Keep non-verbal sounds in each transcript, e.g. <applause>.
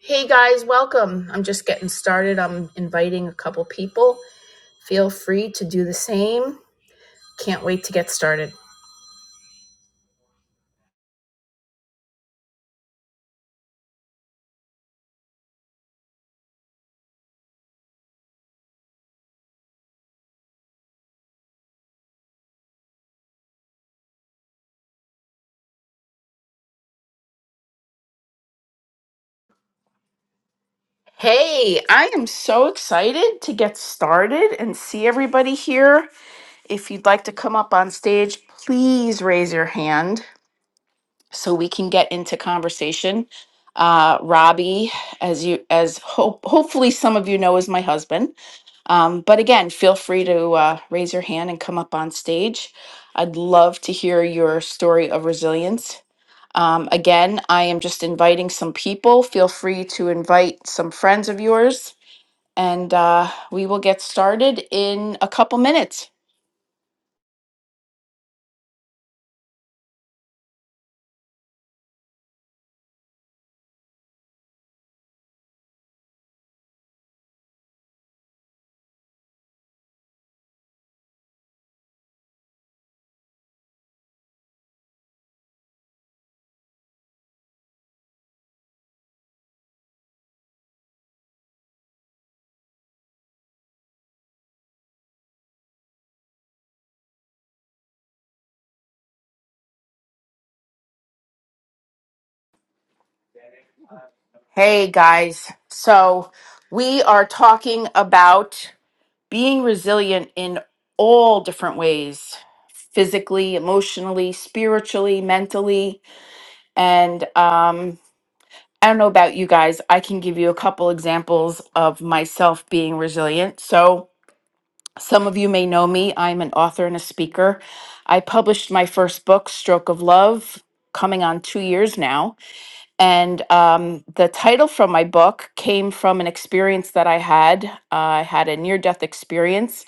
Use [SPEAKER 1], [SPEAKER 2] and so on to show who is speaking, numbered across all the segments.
[SPEAKER 1] Hey guys, welcome. I'm just getting started. I'm inviting a couple people. Feel free to do the same. Can't wait to get started. Hey, I am so excited to get started and see everybody here. If you'd like to come up on stage, please raise your hand. so we can get into conversation. Uh, Robbie, as you as hope, hopefully some of you know, is my husband. Um, but again, feel free to uh, raise your hand and come up on stage. I'd love to hear your story of resilience. Um, again, I am just inviting some people. Feel free to invite some friends of yours, and uh, we will get started in a couple minutes. Hey guys, so we are talking about being resilient in all different ways physically emotionally spiritually mentally and um i don't know about you guys i can give you a couple examples of myself being resilient so some of you may know me i'm an author and a speaker i published my first book stroke of love coming on two years now and um, the title from my book came from an experience that i had i had a near-death experience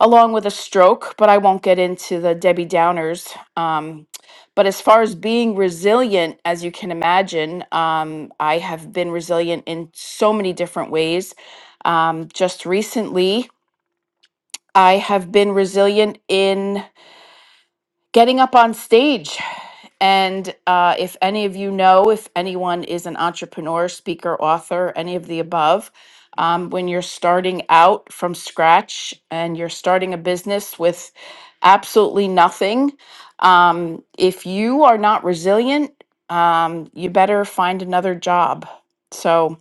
[SPEAKER 1] along with a stroke, but I won't get into the Debbie Downers. Um, but as far as being resilient, as you can imagine, um, I have been resilient in so many different ways. Um, just recently, I have been resilient in getting up on stage. And uh, if any of you know, if anyone is an entrepreneur, speaker, author, any of the above, um, when you're starting out from scratch and you're starting a business with absolutely nothing, um, if you are not resilient, um, you better find another job. So,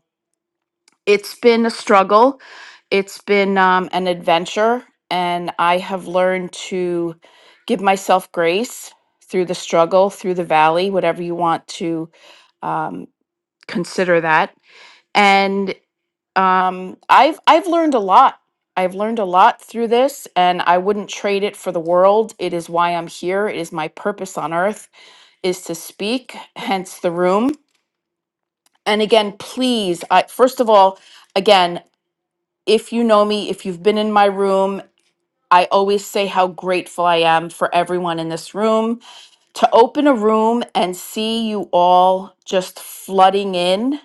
[SPEAKER 1] it's been a struggle. It's been um, an adventure, and I have learned to give myself grace through the struggle, through the valley, whatever you want to um, consider that. And um, I've I've learned a lot. I've learned a lot through this, and I wouldn't trade it for the world. It is why I'm here. It is my purpose on earth is to speak, hence the room. And again, please, I, first of all, again if you know me, if you've been in my room, I always say how grateful I am for everyone in this room. To open a room and see you all just flooding in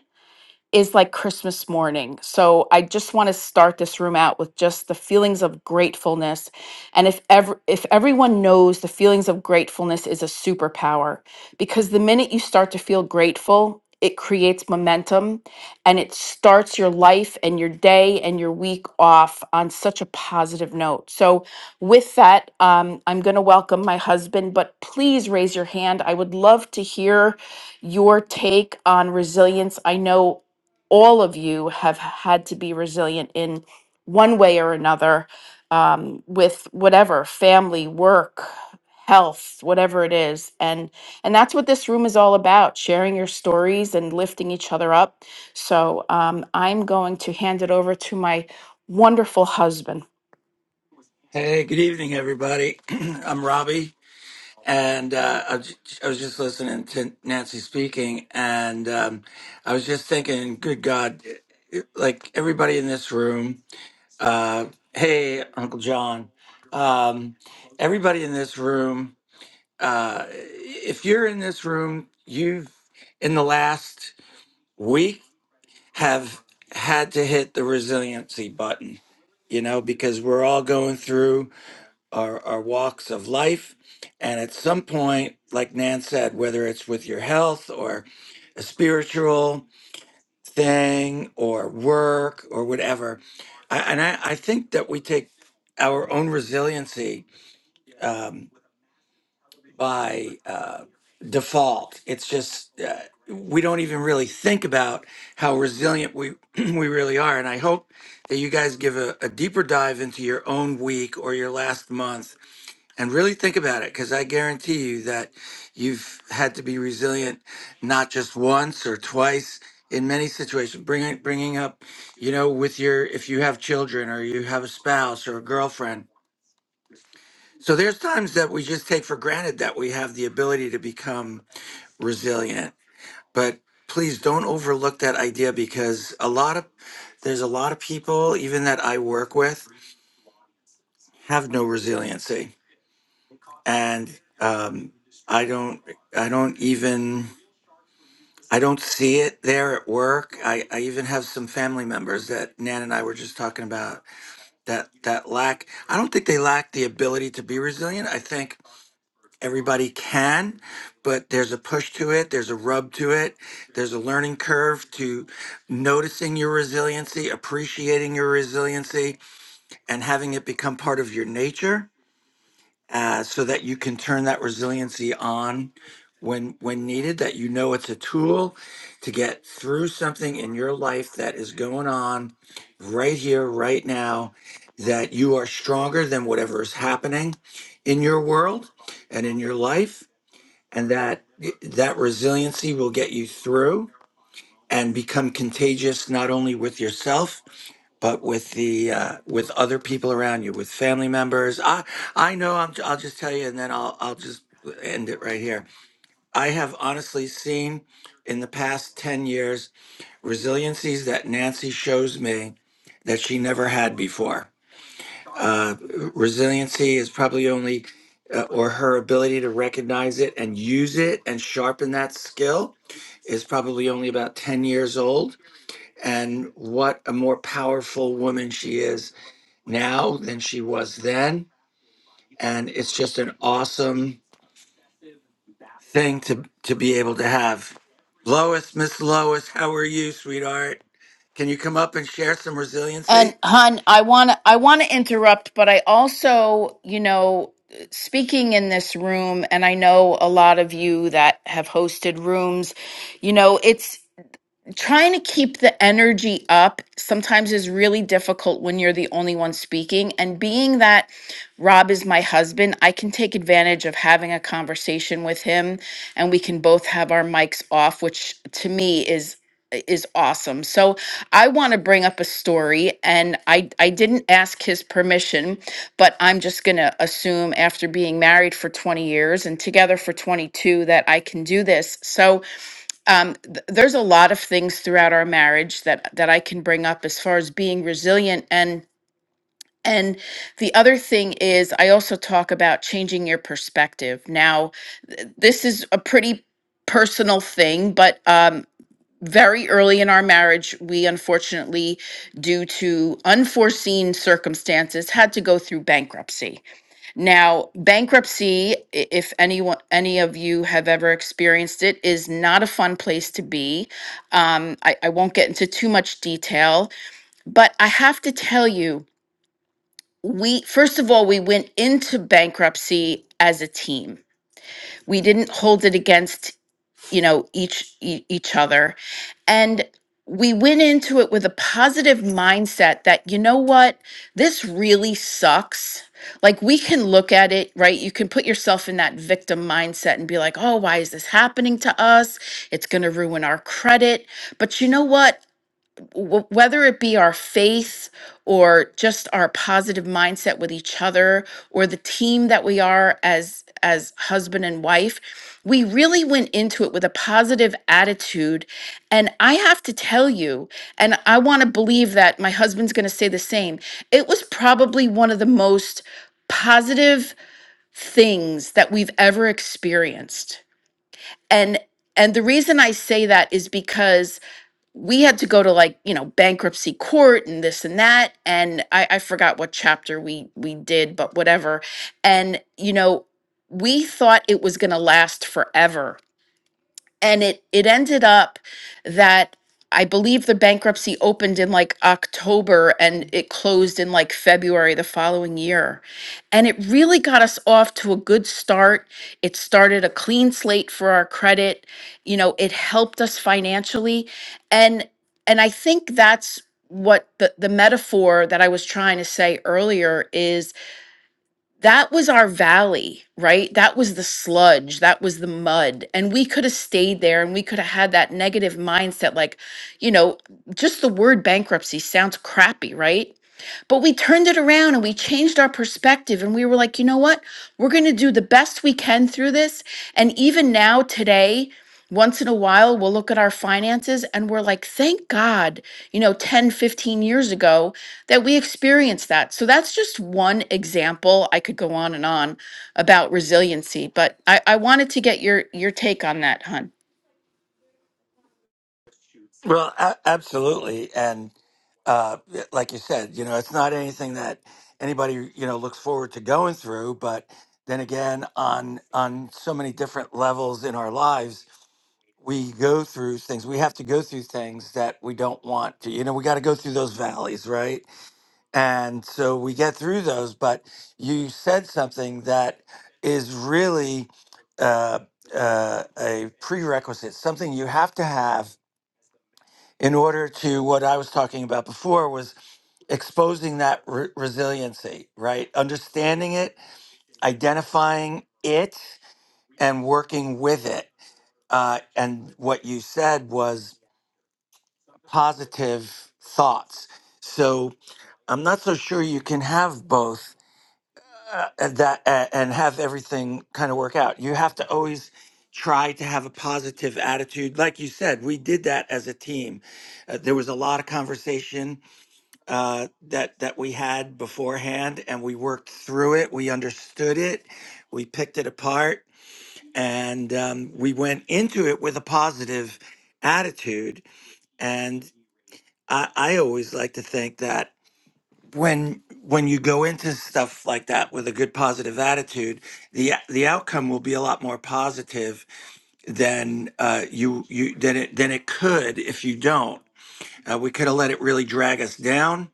[SPEAKER 1] is like Christmas morning. So I just want to start this room out with just the feelings of gratefulness. And if ever if everyone knows the feelings of gratefulness is a superpower because the minute you start to feel grateful, it creates momentum and it starts your life and your day and your week off on such a positive note. So, with that, um, I'm going to welcome my husband, but please raise your hand. I would love to hear your take on resilience. I know all of you have had to be resilient in one way or another um, with whatever family work health whatever it is and and that's what this room is all about sharing your stories and lifting each other up so um, i'm going to hand it over to my wonderful husband
[SPEAKER 2] Hey, good evening, everybody. <clears throat> I'm Robbie, and uh, I, was, I was just listening to Nancy speaking, and um, I was just thinking, good God, uh, uh, like everybody in this room, uh, hey, Uncle John, um, everybody in this room, uh, if you're in this room, you've in the last week have had to hit the resiliency button you know, because we're all going through our, our walks of life. And at some point, like Nan said, whether it's with your health or a spiritual thing or work or whatever, I, and I, I think that we take our own resiliency um, by uh, default. It's just uh, we don't even really think about how resilient we <clears throat> we really are. And I hope that you guys give a, a deeper dive into your own week or your last month and really think about it because I guarantee you that you've had to be resilient not just once or twice in many situations. Bringing bringing up, you know, with your if you have children or you have a spouse or a girlfriend. So there's times that we just take for granted that we have the ability to become resilient. But please don't overlook that idea because a lot of there's a lot of people even that I work with have no resiliency and um, I don't I don't even I don't see it there at work. I, I even have some family members that Nan and I were just talking about that that lack I don't think they lack the ability to be resilient. I think everybody can, but there's a push to it, there's a rub to it, there's a learning curve to noticing your resiliency, appreciating your resiliency, and having it become part of your nature uh, so that you can turn that resiliency on when when needed that you know it's a tool to get through something in your life that is going on right here right now that you are stronger than whatever is happening in your world and in your life and that that resiliency will get you through and become contagious not only with yourself but with the uh, with other people around you, with family members. I I know. I'm, I'll just tell you, and then I'll I'll just end it right here. I have honestly seen in the past ten years resiliencies that Nancy shows me that she never had before. Uh, resiliency is probably only. Uh, or her ability to recognize it and use it and sharpen that skill is probably only about 10 years old and what a more powerful woman she is now than she was then and it's just an awesome thing to to be able to have lois miss lois how are you sweetheart can you come up and share some
[SPEAKER 1] And
[SPEAKER 2] resiliency
[SPEAKER 1] hun, I want to I want to interrupt, but I also, you know, speaking in this room and I know a lot of you that have hosted rooms, you know, it's trying to keep the energy up sometimes is really difficult when you're the only one speaking. And being that Rob is my husband, I can take advantage of having a conversation with him and we can both have our mics off, which to me is is awesome. So I want to bring up a story and I I didn't ask his permission, but I'm just going to assume after being married for 20 years and together for 22 that I can do this. So um, th- there's a lot of things throughout our marriage that that I can bring up as far as being resilient and and the other thing is I also talk about changing your perspective. Now, th- this is a pretty personal thing, but um, very early in our marriage, we unfortunately, due to unforeseen circumstances, had to go through bankruptcy. Now, bankruptcy, i- if anyone, any of you have ever experienced it, is not a fun place to be. Um, I, I won't get into too much detail, but I have to tell you, we, first of all, we went into bankruptcy as a team. We didn't hold it against you know each e- each other and we went into it with a positive mindset that you know what this really sucks like we can look at it right you can put yourself in that victim mindset and be like oh why is this happening to us it's going to ruin our credit but you know what w- whether it be our faith or just our positive mindset with each other or the team that we are as as husband and wife we really went into it with a positive attitude and i have to tell you and i want to believe that my husband's going to say the same it was probably one of the most positive things that we've ever experienced and and the reason i say that is because we had to go to like you know bankruptcy court and this and that and I, I forgot what chapter we we did but whatever and you know we thought it was going to last forever and it it ended up that I believe the bankruptcy opened in like October and it closed in like February the following year. And it really got us off to a good start. It started a clean slate for our credit. You know, it helped us financially and and I think that's what the the metaphor that I was trying to say earlier is that was our valley, right? That was the sludge, that was the mud. And we could have stayed there and we could have had that negative mindset. Like, you know, just the word bankruptcy sounds crappy, right? But we turned it around and we changed our perspective. And we were like, you know what? We're going to do the best we can through this. And even now, today, once in a while, we'll look at our finances and we're like, thank God, you know, 10, 15 years ago that we experienced that. So that's just one example. I could go on and on about resiliency, but I, I wanted to get your, your take on that, Hun.
[SPEAKER 2] well a- absolutely and uh like you said you know it's not anything that anybody you know looks forward to going through but then again on on so many different levels in our lives we go through things we have to go through things that we don't want to you know we got to go through those valleys right and so we get through those but you said something that is really uh, uh, a prerequisite something you have to have in order to what i was talking about before was exposing that re- resiliency right understanding it identifying it and working with it uh, and what you said was positive thoughts so i'm not so sure you can have both uh, and that uh, and have everything kind of work out. You have to always try to have a positive attitude. Like you said, we did that as a team. Uh, there was a lot of conversation uh, that that we had beforehand, and we worked through it. We understood it. We picked it apart, and um, we went into it with a positive attitude. And I, I always like to think that when when you go into stuff like that with a good positive attitude the the outcome will be a lot more positive than uh you you than it than it could if you don't uh, we could have let it really drag us down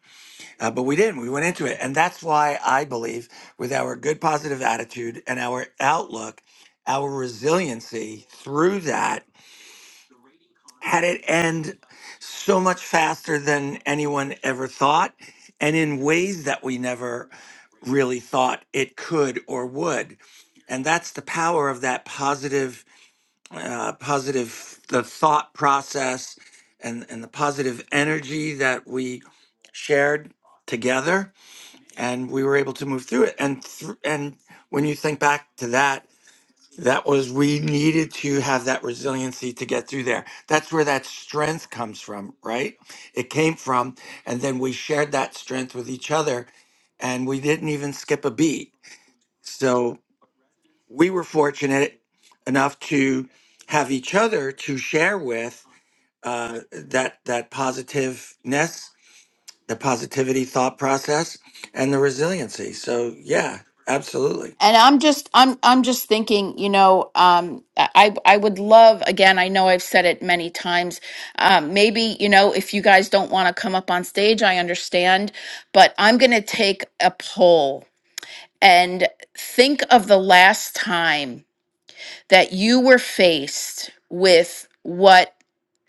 [SPEAKER 2] uh, but we didn't we went into it and that's why i believe with our good positive attitude and our outlook our resiliency through that had it end so much faster than anyone ever thought and in ways that we never really thought it could or would and that's the power of that positive uh, positive the thought process and and the positive energy that we shared together and we were able to move through it and thr and when you think back to that that was we needed to have that resiliency to get through there that's where that strength comes from right it came from and then we shared that strength with each other and we didn't even skip a beat so we were fortunate enough to have each other to share with uh, that that positiveness the positivity thought process and the resiliency so yeah absolutely
[SPEAKER 1] and i'm just i'm i'm just thinking you know um i i would love again i know i've said it many times um maybe you know if you guys don't want to come up on stage i understand but i'm going to take a poll and think of the last time that you were faced with what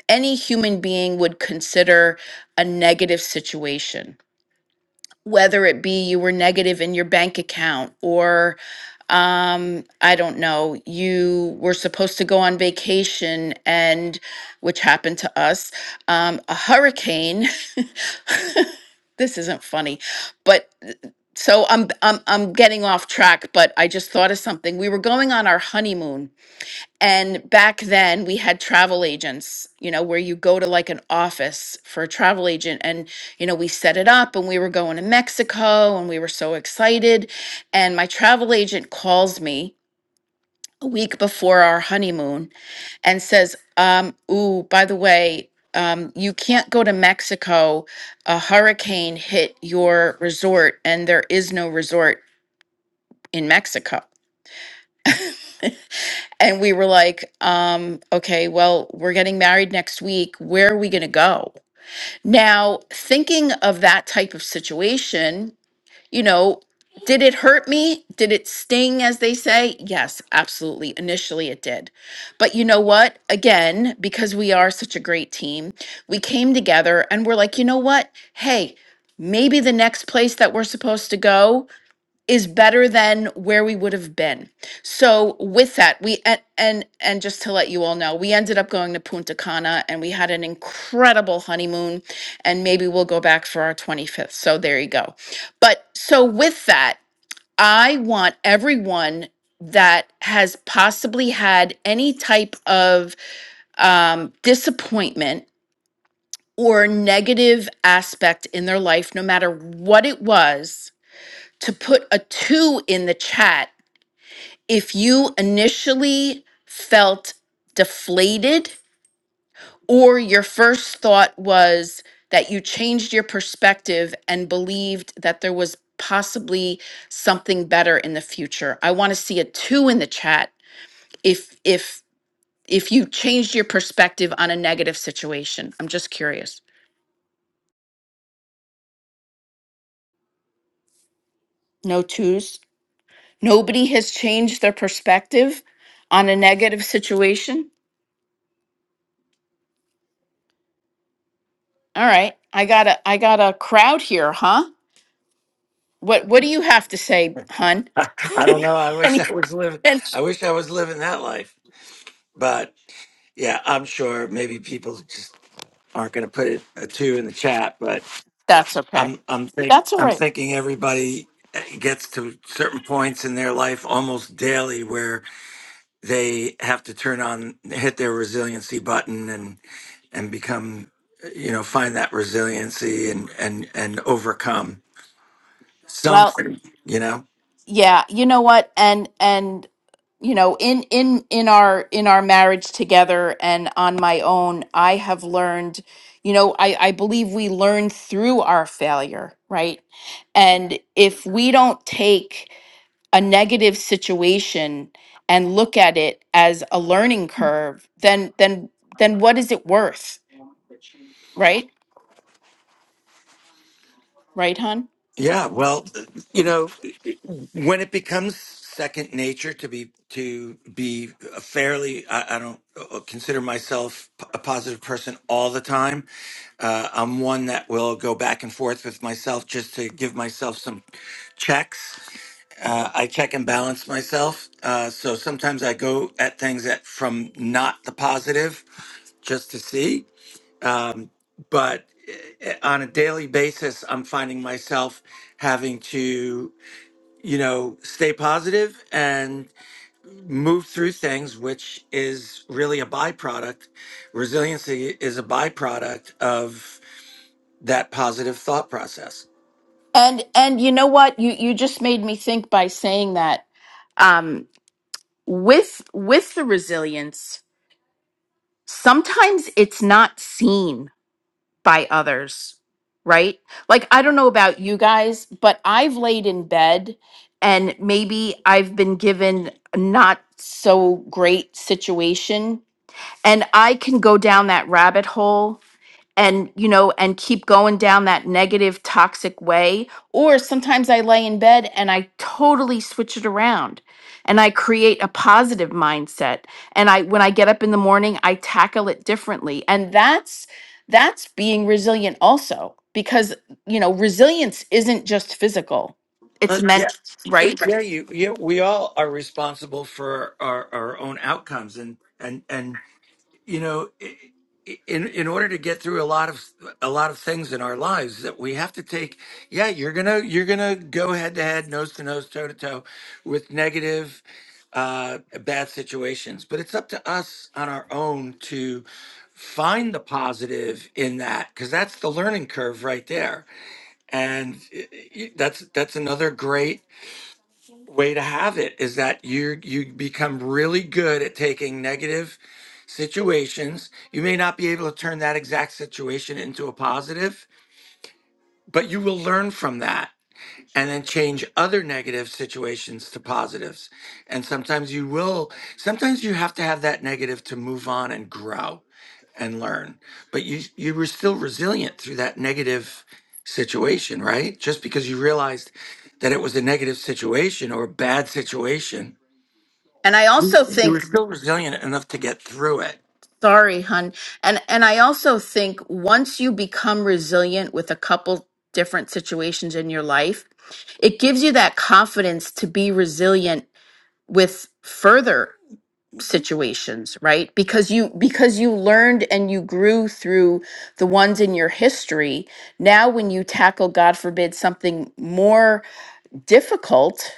[SPEAKER 1] any human being would consider a negative situation whether it be you were negative in your bank account or um i don't know you were supposed to go on vacation and which happened to us um a hurricane <laughs> this isn't funny but so i'm i'm i'm getting off track but i just thought of something we were going on our honeymoon and back then we had travel agents, you know, where you go to like an office for a travel agent. And, you know, we set it up and we were going to Mexico and we were so excited. And my travel agent calls me a week before our honeymoon and says, um, Ooh, by the way, um, you can't go to Mexico. A hurricane hit your resort and there is no resort in Mexico. and we were like um okay well we're getting married next week where are we going to go now thinking of that type of situation you know did it hurt me did it sting as they say yes absolutely initially it did but you know what again because we are such a great team we came together and we're like you know what hey maybe the next place that we're supposed to go is better than where we would have been. So with that, we and and and just to let you all know, we ended up going to Punta Cana and we had an incredible honeymoon and maybe we'll go back for our 25th. So there you go. But so with that, I want everyone that has possibly had any type of um, disappointment or negative aspect in their life, no matter what it was, to put a two in the chat if you initially felt deflated or your first thought was that you changed your perspective and believed that there was possibly something better in the future. I want to see a 2 in the chat if if if you changed your perspective on a negative situation. I'm just curious. No 2s. Nobody has changed their perspective on a negative situation. All right. I got a I got a crowd here, huh? What What do you have to say, hun?
[SPEAKER 2] <laughs>
[SPEAKER 1] <laughs>
[SPEAKER 2] i don't know i
[SPEAKER 1] And,
[SPEAKER 2] wish
[SPEAKER 1] he-
[SPEAKER 2] i was living
[SPEAKER 1] and
[SPEAKER 2] i wish i was living that life But yeah, I'm sure maybe people just aren't going to put it a two in the chat, but
[SPEAKER 1] that's okay.
[SPEAKER 2] I'm I'm think
[SPEAKER 1] That's all
[SPEAKER 2] I'm
[SPEAKER 1] right.
[SPEAKER 2] thinking everybody uh, gets to certain points in their life almost daily where they have to turn on hit their resiliency button and and become uh, you know find that resiliency and and and overcome
[SPEAKER 1] Well,
[SPEAKER 2] something you know
[SPEAKER 1] yeah, you know what, and and you know, in in in our in our marriage together and on my own, I have learned. You know, I I believe we learn through our failure, right? And if we don't take a negative situation and look at it as a learning curve, then then then what is it worth, right? Right, hun?
[SPEAKER 2] Yeah, well, you know, when it becomes second nature to be to be fairly, I, I don't uh, consider myself a positive person all the time. Uh, I'm one that will go back and forth with myself just to give myself some checks. Uh, I check and balance myself. Uh, so sometimes I go at things that from not the positive just to see. Um, but eh, eh, on a daily basis, I'm finding myself having to, you know, stay positive and move through things, which is really a byproduct. Resiliency is a byproduct of that positive thought process.
[SPEAKER 1] And and you know what? You you just made me think by saying that um with with the resilience, sometimes it's not seen by others, right? Like I don't know about you guys, but I've laid in bed and maybe I've been given a not so great situation and I can go down that rabbit hole and you know and keep going down that negative toxic way or sometimes i lay in bed and i totally switch it around and i create a positive mindset and i when i get up in the morning i tackle it differently and that's that's being resilient also because you know resilience isn't just physical it's
[SPEAKER 2] Uh, yeah,
[SPEAKER 1] meant
[SPEAKER 2] uh,
[SPEAKER 1] right
[SPEAKER 2] yeah, you, yeah. We all are responsible for our, our own outcomes, and and and you know i- i- in in order to get through a lot of a lot of things in our lives that we have to take yeah you're gonna you're gonna go head to head nose to nose toe to toe with negative uh bad situations but it's up to us on our own to find the positive in that because that's the learning curve right there and i- i- that's that's another great way to have it is that you you become really good at taking negative situations. You may not be able to turn that exact situation into a positive, but you will learn from that and then change other negative situations to positives. And sometimes you will sometimes you have to have that negative to move on and grow and learn. But you you were still resilient through that negative situation, right? Just because you realized that it was a negative situation or a bad situation
[SPEAKER 1] And I
[SPEAKER 2] you
[SPEAKER 1] also think
[SPEAKER 2] were still resilient enough to get through it.
[SPEAKER 1] Sorry, hun. And and I also think once you become resilient with a couple different situations in your life, it gives you that confidence to be resilient with further situations, right? Because you because you learned and you grew through the ones in your history. Now when you tackle God forbid something more difficult,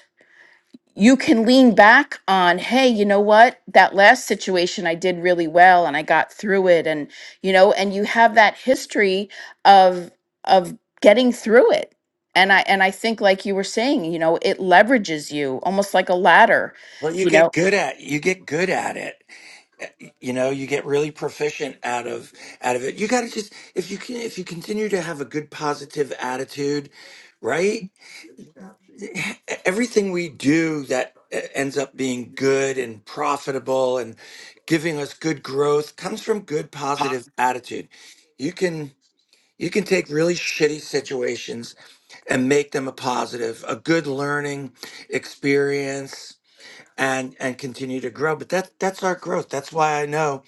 [SPEAKER 1] you can lean back on hey you know what that last situation i did really well and i got through it and you know and you have that history of of getting through it and i and i think like you were saying you know it leverages you almost like a ladder
[SPEAKER 2] Well, you
[SPEAKER 1] you know
[SPEAKER 2] get good at you get good at it. You know, you get really proficient out of out of it. You got to just if you can if you continue to have a good positive attitude, right? Everything we do that uh, ends up being good and profitable and giving us good growth comes from good positive attitude. You can you can take really shitty situations and make them a positive, a good learning experience and and continue to grow. But that that's our growth. That's why I know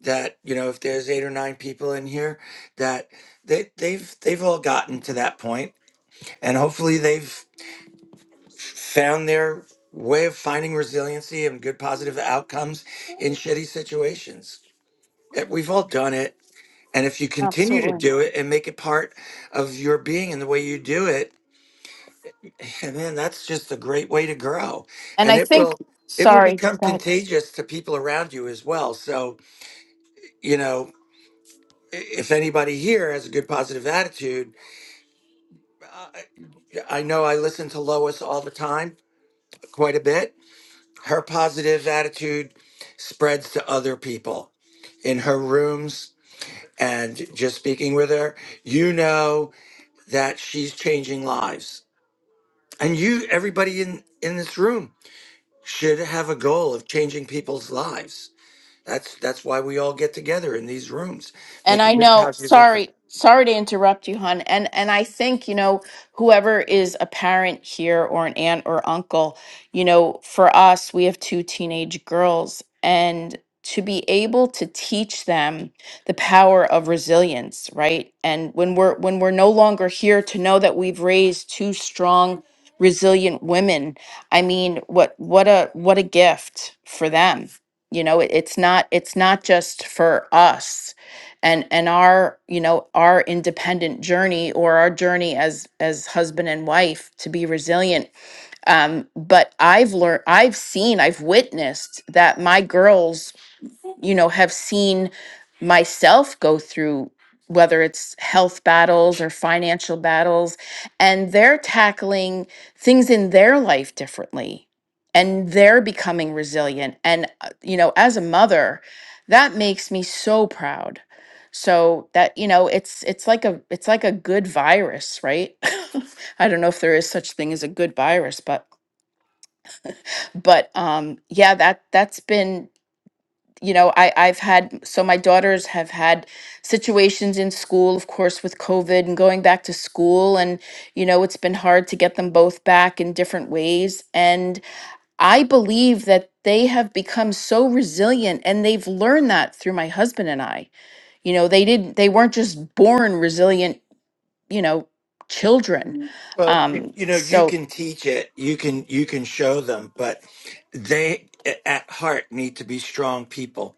[SPEAKER 2] that, you know, if there's eight or nine people in here that they they've they've all gotten to that point and hopefully they've found their way of finding resiliency and good positive outcomes in shitty situations. That We've all done it. And if you continue to
[SPEAKER 1] absolutely
[SPEAKER 2] do it and make it part of your being and the way you do it, And man, that's just a great way to grow.
[SPEAKER 1] and
[SPEAKER 2] And
[SPEAKER 1] i
[SPEAKER 2] it
[SPEAKER 1] think
[SPEAKER 2] will it will
[SPEAKER 1] sorry
[SPEAKER 2] become
[SPEAKER 1] go ahead.
[SPEAKER 2] contagious to people around you as well. So, you know, i- if anybody here has a good positive attitude, I, I know I listen to Lois all the time, quite a bit. Her positive attitude spreads to other people in her rooms and just speaking with her, you know that she's changing lives. And you everybody in in this room should have a goal of changing people's lives. That's that's why we all get together in these rooms,
[SPEAKER 1] And
[SPEAKER 2] make a
[SPEAKER 1] I
[SPEAKER 2] good
[SPEAKER 1] know,
[SPEAKER 2] positive impact.
[SPEAKER 1] sorry, sorry to interrupt you, hon. And and I think, you know, whoever is a parent here or an aunt or uncle, you know, for us, we have two teenage girls and to be able to teach them the power of resilience, right? And when we're when we're no longer here to know that we've raised two strong resilient women. I mean, what what a what a gift for them. You know, it, it's not it's not just for us and and our you know our independent journey or our journey as as husband and wife to be resilient um but i've learned i've seen i've witnessed that my girls you know, have seen myself go through whether it's health battles or financial battles, and they're tackling things in their life differently and they're becoming resilient. And, uh, you know, as a mother, that makes me so proud. So that you know, it's it's like a it's like a good virus, right? <laughs> I don't know if there is such thing as a good virus, but but um yeah, that that's been you know i i've had so my daughters have had situations in school of course with covid and going back to school and you know it's been hard to get them both back in different ways and i believe that they have become so resilient and they've learned that through my husband and i you know they didn't they weren't just born resilient you know children
[SPEAKER 2] Well, you
[SPEAKER 1] um
[SPEAKER 2] you know, you
[SPEAKER 1] so
[SPEAKER 2] can teach it, you can you can show them, but they a- at heart need to be strong people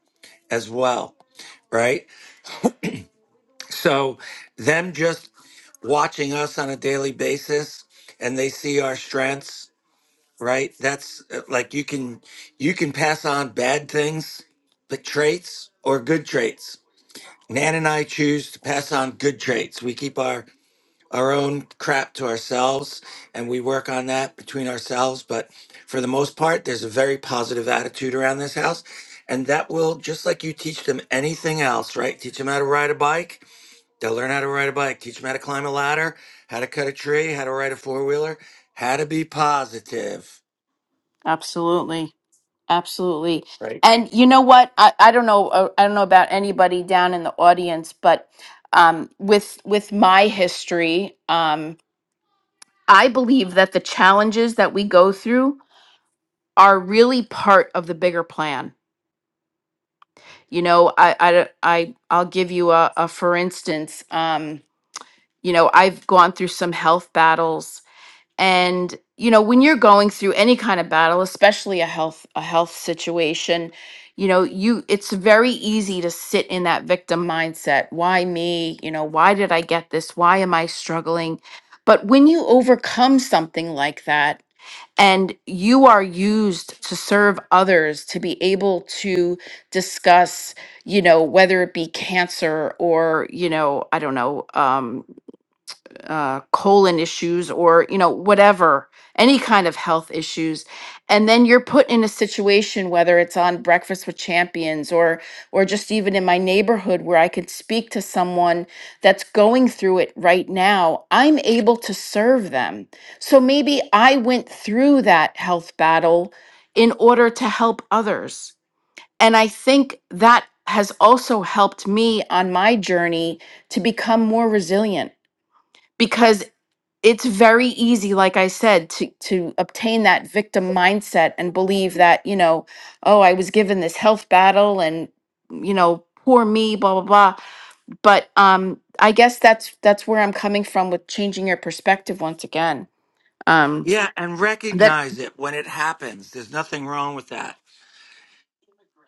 [SPEAKER 2] as well, right? So them just watching us on a daily basis and they see our strengths, right? That's uh, like you can you can pass on bad things, but traits or good traits Nan and I choose to pass on good traits. We keep our our own crap to ourselves and we work on that between ourselves, but for the most part there's a very positive attitude around this house and that will just like you teach them anything else, right? Teach them how to ride a bike, they'll learn how to ride a bike, teach them how to climb a ladder, how to cut a tree, how to ride a four-wheeler, how to be positive,
[SPEAKER 1] absolutely Absolutely.
[SPEAKER 2] right?
[SPEAKER 1] And you know what? I, I don't know uh, I don't know about anybody down in the audience, but um, with with my history, um, I believe that the challenges that we go through are really part of the bigger plan. You know, I I I I'll give you a, a for instance. Um, you know, I've gone through some health battles and you know when you're going through any kind of battle especially a health a health situation you know you it's very easy to sit in that victim mindset why me you know why did i get this why am i struggling but when you overcome something like that and you are used to serve others to be able to discuss you know whether it be cancer or you know i don't know um, uh, colon issues or you know whatever any kind of health issues and then you're put in a situation whether it's on breakfast with champions or or just even in my neighborhood where i could speak to someone that's going through it right now i'm able to serve them so maybe i went through that health battle in order to help others and i think that has also helped me on my journey to become more resilient because it's very easy like i said to to obtain that victim mindset and believe that you know oh i was given this health battle and you know poor me blah blah blah but um i guess that's that's where i'm coming from with changing your perspective once again um
[SPEAKER 2] Yeah, and
[SPEAKER 1] that
[SPEAKER 2] recognize it when it happens. There's nothing wrong with that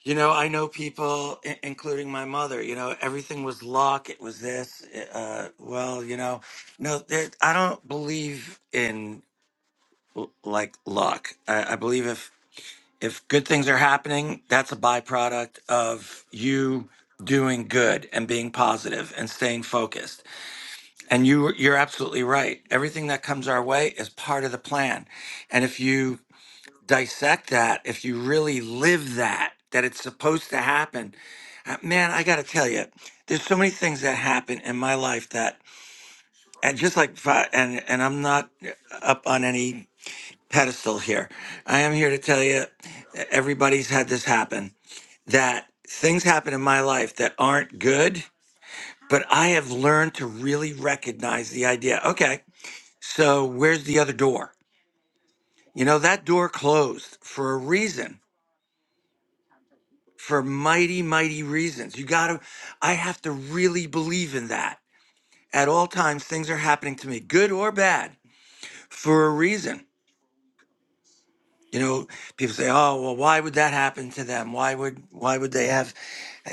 [SPEAKER 2] You know, I know people, i- including my mother. You know, everything was luck. It was this. Uh, well, you know, no, there, I don't believe in l- like luck. I, I believe if if good things are happening, that's a byproduct of you doing good and being positive and staying focused. And you you're absolutely right. Everything that comes our way is part of the plan. And if you dissect that if you really live that that it's supposed to happen Uh, man i gotta tell you there's so many things that happen in my life that and just like fi- and and i'm not uh, up on any pedestal here i am here to tell you everybody's had this happen that things happen in my life that aren't good but i have learned to really recognize the idea okay so where's the other door you know that door closed for a reason for mighty, mighty reasons. You gotta, I have to really believe in that. At all times, things are happening to me, good or bad, for a reason. You know, people say, "Oh, well, why would that happen to them? Why would why would they have,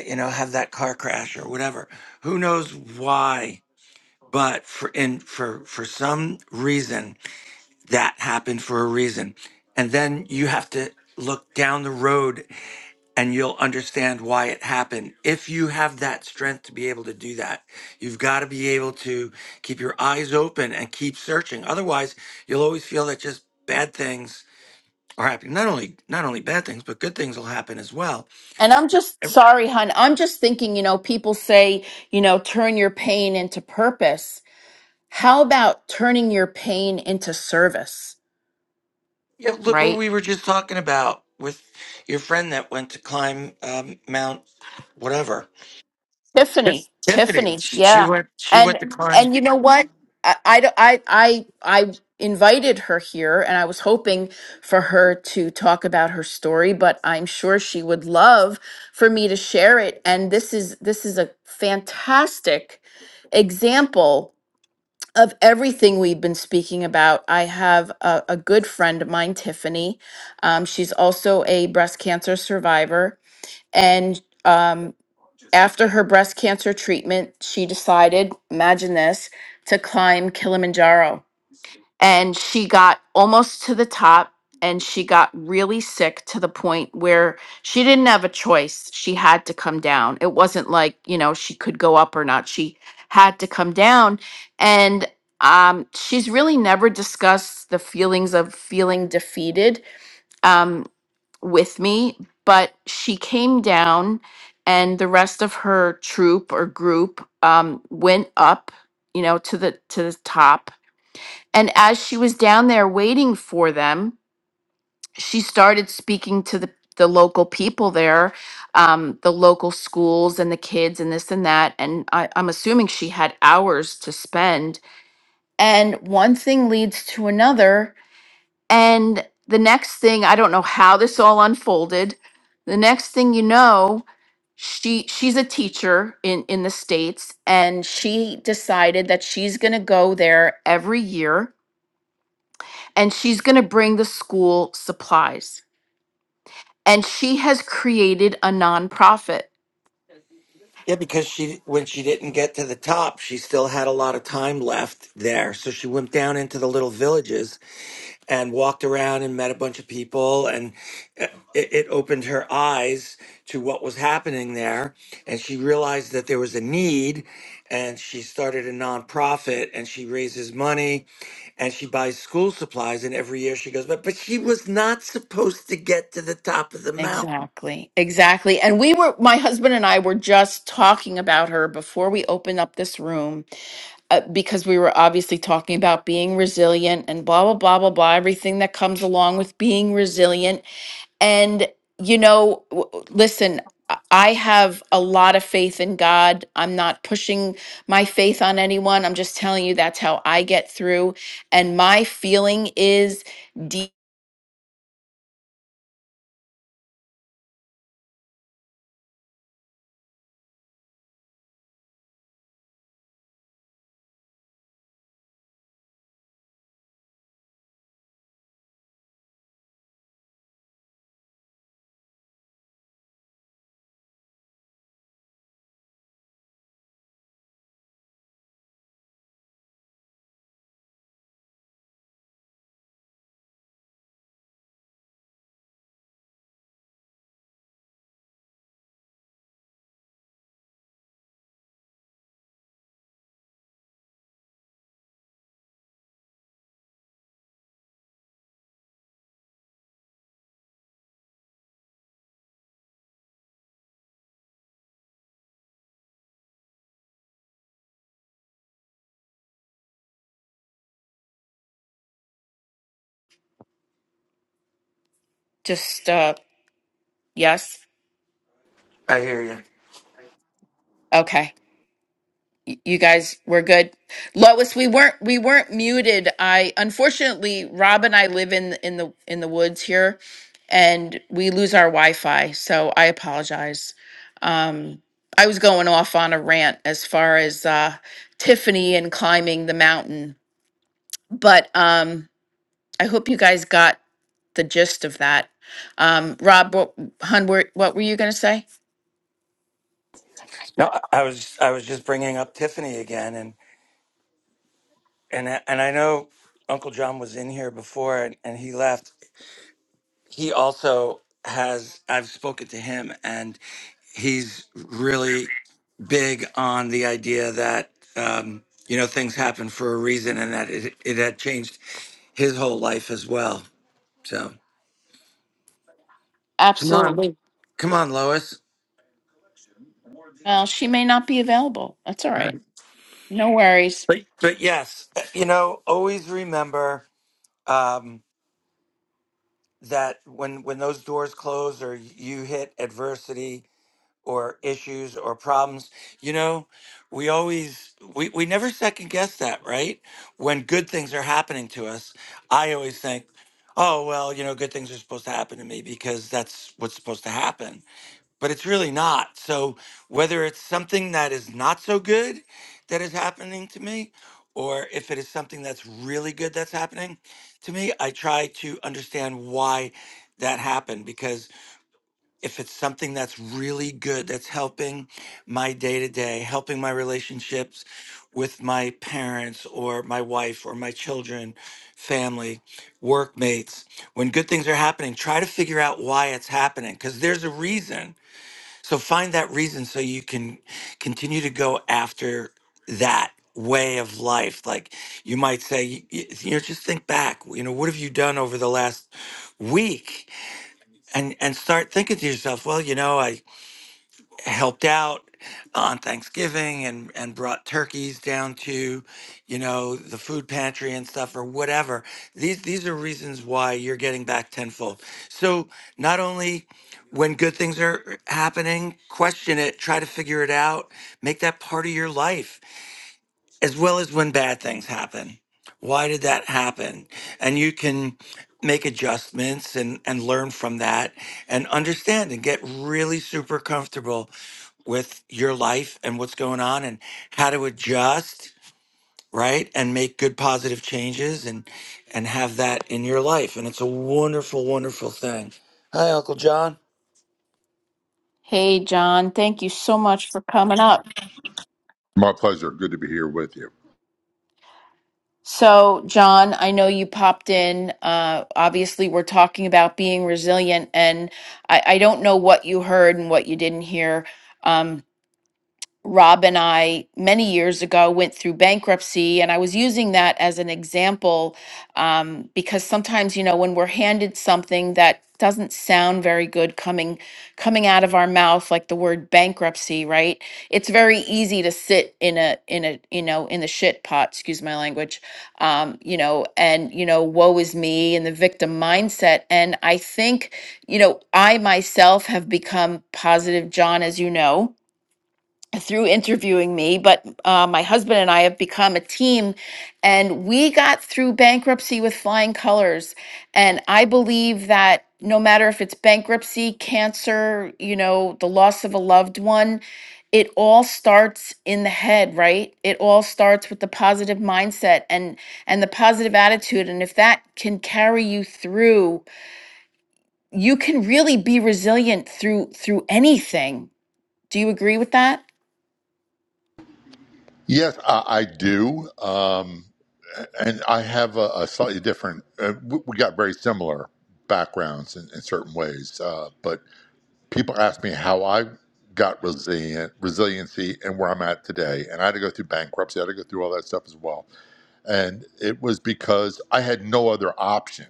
[SPEAKER 2] you know, have that car crash or whatever? Who knows why? But for in for for some reason, that happened for a reason. And then you have to look down the road and you'll understand why it happened. If you have that strength to be able to do that, you've got to be able to keep your eyes open and keep searching. Otherwise, you'll always feel that just bad things are happening. Not only not only bad things, but good things will happen as well.
[SPEAKER 1] and i'm just sorry hun i'm just thinking you know people say you know turn your pain into purpose how about turning your pain into service
[SPEAKER 2] Yeah, look what
[SPEAKER 1] right
[SPEAKER 2] we were just talking about with your friend that went to climb um, Mount whatever.
[SPEAKER 1] Tiffany, Tiffany,
[SPEAKER 2] She
[SPEAKER 1] yeah,
[SPEAKER 2] went she
[SPEAKER 1] and
[SPEAKER 2] went to climb
[SPEAKER 1] and you know what? I, I I I I invited her here, and I was hoping for her to talk about her story, but I'm sure she would love for me to share it. And this is this is a fantastic example of everything we've been speaking about. I have a, a good friend of mine, Tiffany. Um, she's also a breast cancer survivor, and um. After her breast cancer treatment, she decided, imagine this, to climb Kilimanjaro. And she got almost to the top and she got really sick to the point where she didn't have a choice. She had to come down. It wasn't like, you know, she could go up or not. She had to come down. And um, she's really never discussed the feelings of feeling defeated. Um, with me, but she came down and the rest of her troop or group um, went up, you know, to the to the top. And as she was down there waiting for them, she started speaking to the, the local people there, um, the local schools and the kids and this and that. And I, I'm assuming she had hours to spend. And one thing leads to another and the next thing, I don't know how this all unfolded. The next thing you know, she she's a teacher in in the states and she decided that she's going to go there every year and she's going to bring the school supplies. And she has created a nonprofit.
[SPEAKER 2] yeah, because she when she didn't get to the top, she still had a lot of time left there. So she went down into the little villages and walked around and met a bunch of people and uh, it, it opened her eyes to what was happening there and she realized that there was a need and she started a nonprofit and she raises money and she buys school supplies and every year she goes but but she was not supposed to get to the top of the mountain
[SPEAKER 1] Exactly. Exactly. And we were my husband and I were just talking about her before we opened up this room uh, because we were obviously talking about being resilient and blah blah blah blah blah everything that comes along with being resilient and you know w- w- listen i I have a lot of faith in god i'm not pushing my faith on anyone i'm just telling you that's how i get through and my feeling is deep just uh yes
[SPEAKER 2] i hear you
[SPEAKER 1] okay Y- you guys we're good lois we weren't we weren't muted i unfortunately rob and i live in in the in the woods here and we lose our wi-fi so i apologize um i was going off on a rant as far as uh tiffany and climbing the mountain but um i hope you guys got the gist of that um rob what hun were- what were you going to say
[SPEAKER 2] no i I was i was just bringing up tiffany again and and I- and I know Uncle John was in here before, and, and he left. He also has. I've spoken to him, and he's really big on the idea that um, you know things happen for a reason, and that it, it had changed his whole life as well. So
[SPEAKER 1] absolutely
[SPEAKER 2] come on, Lois.
[SPEAKER 1] well she may not be available that's all right no worries
[SPEAKER 2] But yes, you know, always remember um, that when when those doors close or you hit adversity, or issues or problems you know we always we, we never second guess that right when good things are happening to us i always think oh well you know good things are supposed to happen to me because that's what's supposed to happen but it's really not so whether it's something that is not so good that is happening to me or if it is something that's really good that's happening to me i try to understand why that happened because if it's something that's really good, that's helping my day to day, helping my relationships with my parents or my wife or my children, family, workmates, when good things are happening, try to figure out why it's happening because there's a reason. So find that reason so you can continue to go after that way of life like you might say y- y- you know just think back you know what have you done over the last week and and start thinking to yourself, well, you know, I helped out on Thanksgiving and and brought turkeys down to, you know, the food pantry and stuff or whatever. These these are reasons why you're getting back tenfold. So not only when good things are happening, question it, try to figure it out, make that part of your life as well as when bad things happen. Why did that happen? And you can make adjustments and, and learn from that and understand and get really super comfortable with your life and what's going on and how to adjust, right? And make good positive changes and and have that in your life. And it's a wonderful, wonderful thing. Hi, Uncle John.
[SPEAKER 1] Hey, John, thank you so much for coming up.
[SPEAKER 3] My pleasure. Good to be here with you.
[SPEAKER 1] So, John, I know you popped in. Uh, obviously, we're talking about being resilient, and I, I don't know what you heard and what you didn't hear. Um, Rob and I, many years ago, went through bankruptcy. And I was using that as an example um, because sometimes, you know, when we're handed something that doesn't sound very good coming coming out of our mouth like the word bankruptcy right it's very easy to sit in a in a you know in the shit pot excuse my language um you know and you know woe is me and the victim mindset and i think you know i myself have become positive john as you know through interviewing me, but uh, my husband and I have become a team, and we got through bankruptcy with flying colors. And I believe that no matter if it's bankruptcy, cancer, you know, the loss of a loved one, it all starts in the head, right? It all starts with the positive mindset and and the positive attitude, and if that can carry you through, you can really be resilient through through anything. Do you agree with that?
[SPEAKER 3] Yes, I, I do. Um, and I have a, a slightly different, uh, we, we got very similar backgrounds in, in certain ways. Uh, but people ask me how I got resilient, resiliency and where I'm at today. And I had to go through bankruptcy, I had to go through all that stuff as well. And it was because I had no other option.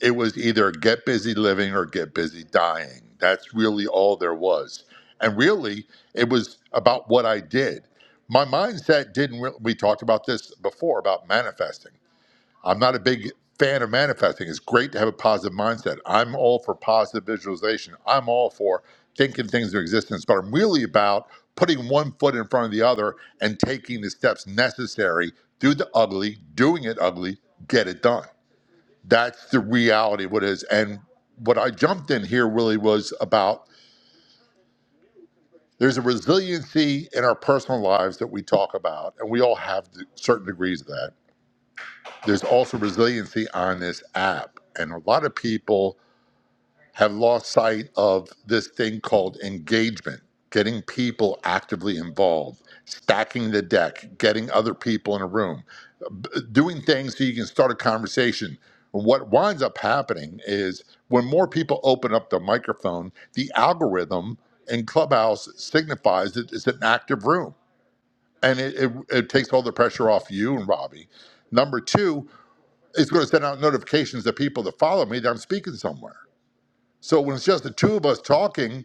[SPEAKER 3] it was either get busy living or get busy dying. That's really all there was. And really, it was about what I did. My mindset didn't, re- we talked about this before about manifesting. I'm not a big fan of manifesting. It's great to have a positive mindset. I'm all for positive visualization, I'm all for thinking things into existence, but I'm really about putting one foot in front of the other and taking the steps necessary through the ugly, doing it ugly, get it done that's the reality of what it is. And what I jumped in here really was about there's a resiliency in our personal lives that we talk about, and we all have th- certain degrees of that. There's also resiliency on this app. And a lot of people have lost sight of this thing called engagement, getting people actively involved, stacking the deck, getting other people in a room, b- doing things so you can start a conversation. What winds up happening is when more people open up the microphone, the algorithm in Clubhouse signifies that it's an active room and it, it, it takes all the pressure off you and Robbie. Number two, it's going to send out notifications to people that follow me that I'm speaking somewhere. So when it's just the two of us talking,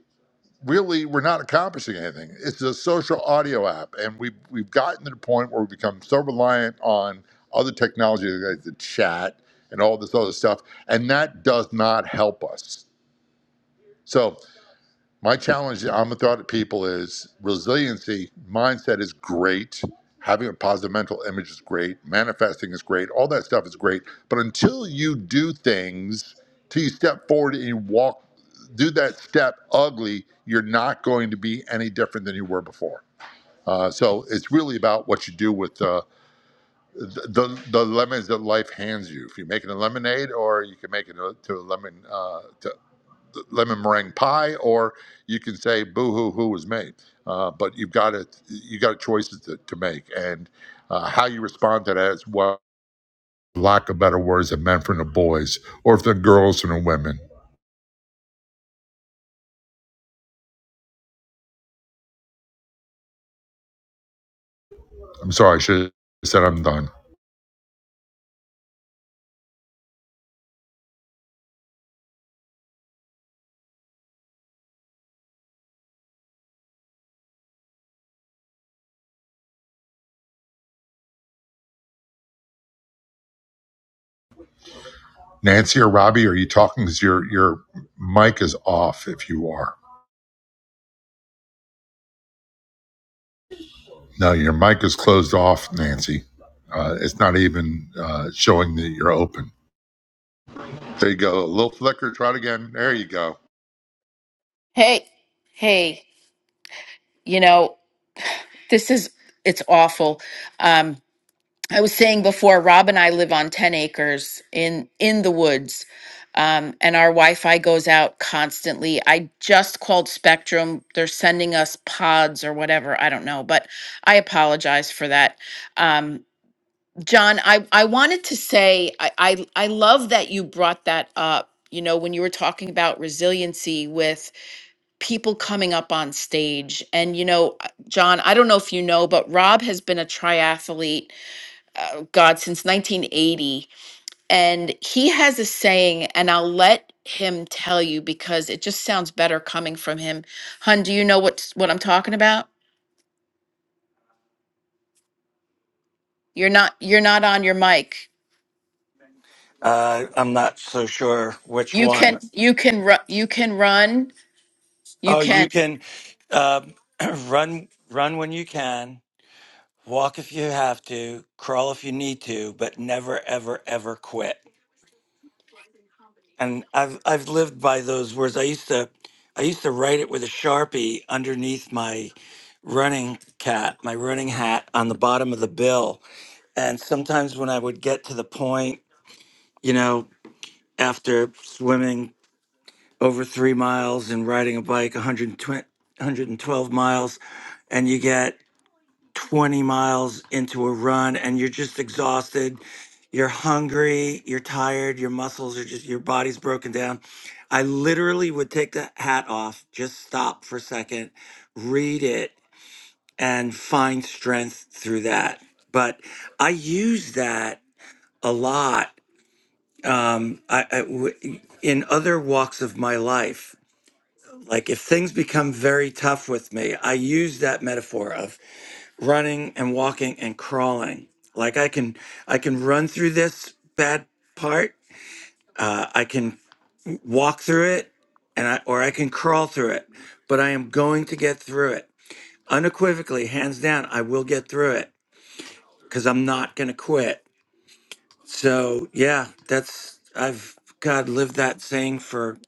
[SPEAKER 3] really we're not accomplishing anything. It's a social audio app, and we've we've gotten to the point where we become so reliant on other technology like the chat and all this other stuff, and that does not help us. So my challenge, I'm a thought at people is resiliency, mindset is great. Having a positive mental image is great. Manifesting is great. All that stuff is great. But until you do things, till you step forward and you walk, do that step ugly, you're not going to be any different than you were before. Uh, so it's really about what you do with uh, the, the the lemons that life hands you. If you make it a lemonade, or you can make it a, to a lemon uh, to, lemon meringue pie, or you can say boo hoo who was me. Uh, but you've got a you got choices to, to make, and uh, how you respond to that is well. Lack of better words than men from the boys, or if they're girls and the women. I'm sorry, I should have said I'm done. Nancy or Robbie, are you talking? Because your your mic is off. If you are, no, your mic is closed off, Nancy. Uh, it's not even uh, showing that you're open. There you go. A little flicker. Try it again. There you go.
[SPEAKER 1] Hey, hey, you know, this is it's awful. Um, I was saying before, Rob and I live on 10 acres in in the woods. Um, and our Wi-Fi goes out constantly. I just called Spectrum. They're sending us pods or whatever. I don't know, but I apologize for that. Um, John, I, I wanted to say I, I I love that you brought that up. You know, when you were talking about resiliency with people coming up on stage. And, you know, uh, John, I don't know if you know, but Rob has been a triathlete, uh, God, since 1980. And he has a saying, and I'll let him tell you because it just sounds better coming from him. Hun, do you know what what I'm talking about? You're not you're not on your mic.
[SPEAKER 2] Uh, I'm not so sure which
[SPEAKER 1] You can
[SPEAKER 2] one.
[SPEAKER 1] you can run you can run you
[SPEAKER 2] Oh, you
[SPEAKER 1] can
[SPEAKER 2] can uh, <clears throat> run run when you can Walk if you have to, crawl if you need to, but never ever ever quit. And I've I've lived by those words. I used to I used to write it with a Sharpie underneath my running cat, my running hat on the bottom of the bill. And sometimes when I would get to the point, you know, after swimming over 3 miles and riding a bike 120 112 miles and you get 20 miles into a run and you're just exhausted you're hungry, you're tired, your muscles are just, your body's broken down. I literally would take the hat off, just stop for a second, read it, and find strength through that. But I use that a lot um, I, I w- in other walks of my life. Like if things become very tough with me, I use that metaphor of running and walking and crawling. Like I can, I can run through this bad part uh, I can walk through it, and I, or I can crawl through it. But I am going to get through it unequivocally, hands down. I will get through it because I'm not going to quit. So yeah, that's I've God lived that saying for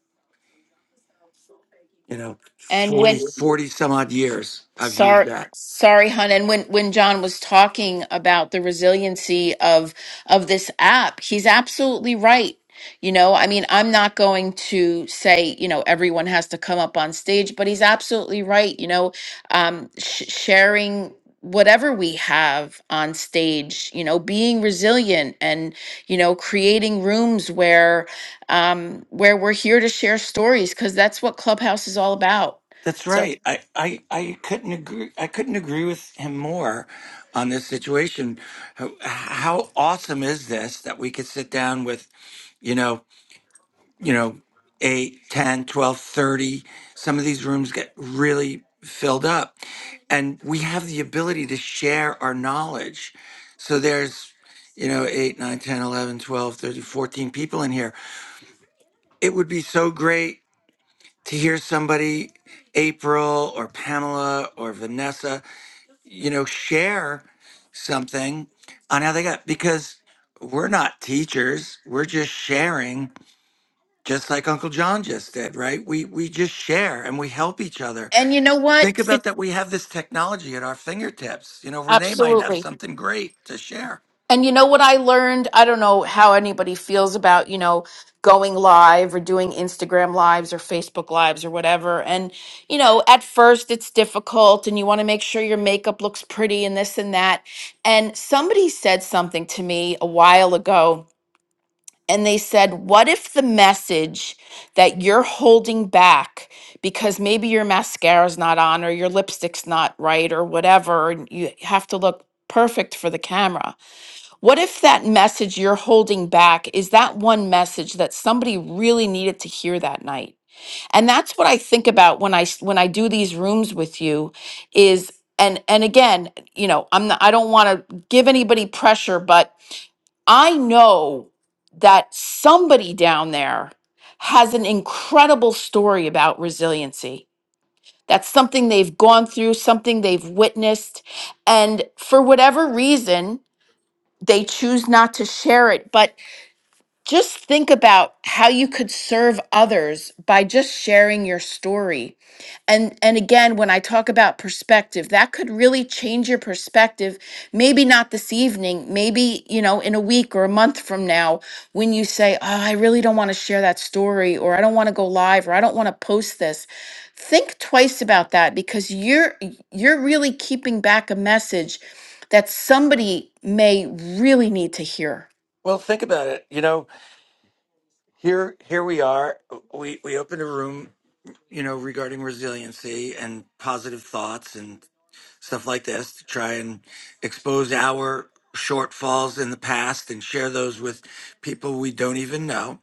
[SPEAKER 2] you know
[SPEAKER 1] and
[SPEAKER 2] 40
[SPEAKER 1] when
[SPEAKER 2] 40 some odd years. I've used
[SPEAKER 1] Sorry,
[SPEAKER 2] that.
[SPEAKER 1] sorry, hon. And when when John was talking about the resiliency of of this app, he's absolutely right. You know, I mean, I'm not going to say you know everyone has to come up on stage, but he's absolutely right. You know, um, sh- sharing whatever we have on stage, you know, being resilient and you know creating rooms where um, where we're here to share stories because that's what Clubhouse is all about.
[SPEAKER 2] That's
[SPEAKER 1] So,
[SPEAKER 2] right. I, I, I couldn't agree. I couldn't agree with him more on this situation. How, how awesome is this that we could sit down with, you know, you know, 8, 10, 12, 30. Some of these rooms get really filled up. And we have the ability to share our knowledge. So there's, you know, 8, nine, ten, eleven, twelve, thirty, fourteen people in here. It would be so great to hear somebody, April or Pamela or Vanessa, you know, share something on how they got, because we're not teachers, we're just sharing just like Uncle John just did, right? We we just share and we help each other.
[SPEAKER 1] and you know
[SPEAKER 2] Think
[SPEAKER 1] what?
[SPEAKER 2] about that we have this technology at our fingertips. You know, Renee might have
[SPEAKER 1] Absolutely.
[SPEAKER 2] something great to share.
[SPEAKER 1] And you know what I learned? I don't know how anybody feels about, you know, going live or doing Instagram lives or Facebook lives or whatever. And, you know, at first it's difficult and you want to make sure your makeup looks pretty and this and that. And somebody said something to me a while ago. And they said, What if the message that you're holding back because maybe your mascara's not on or your lipstick's not right or whatever, and you have to look perfect for the camera? What if that message you're holding back is that one message that somebody really needed to hear that night? And that's what I think about when I s- when I do these rooms with you is and and again, you know, I'm not, I don't want to give anybody pressure, but I know that somebody down there has an incredible story about resiliency. That's something they've gone through, something they've witnessed, and for whatever reason, they choose not to share it but just think about how you could serve others by just sharing your story and and again when i talk about perspective that could really change your perspective maybe not this evening maybe you know in a week or a month from now when you say oh i really don't want to share that story or i don't want to go live or i don't want to post this think twice about that because you're you're really keeping back a message that somebody may really need to hear
[SPEAKER 2] Well, think about it. You know, here here we are. We we opened a room, you know, regarding resiliency and positive thoughts and stuff like this to try and expose our shortfalls in the past and share those with people we don't even know.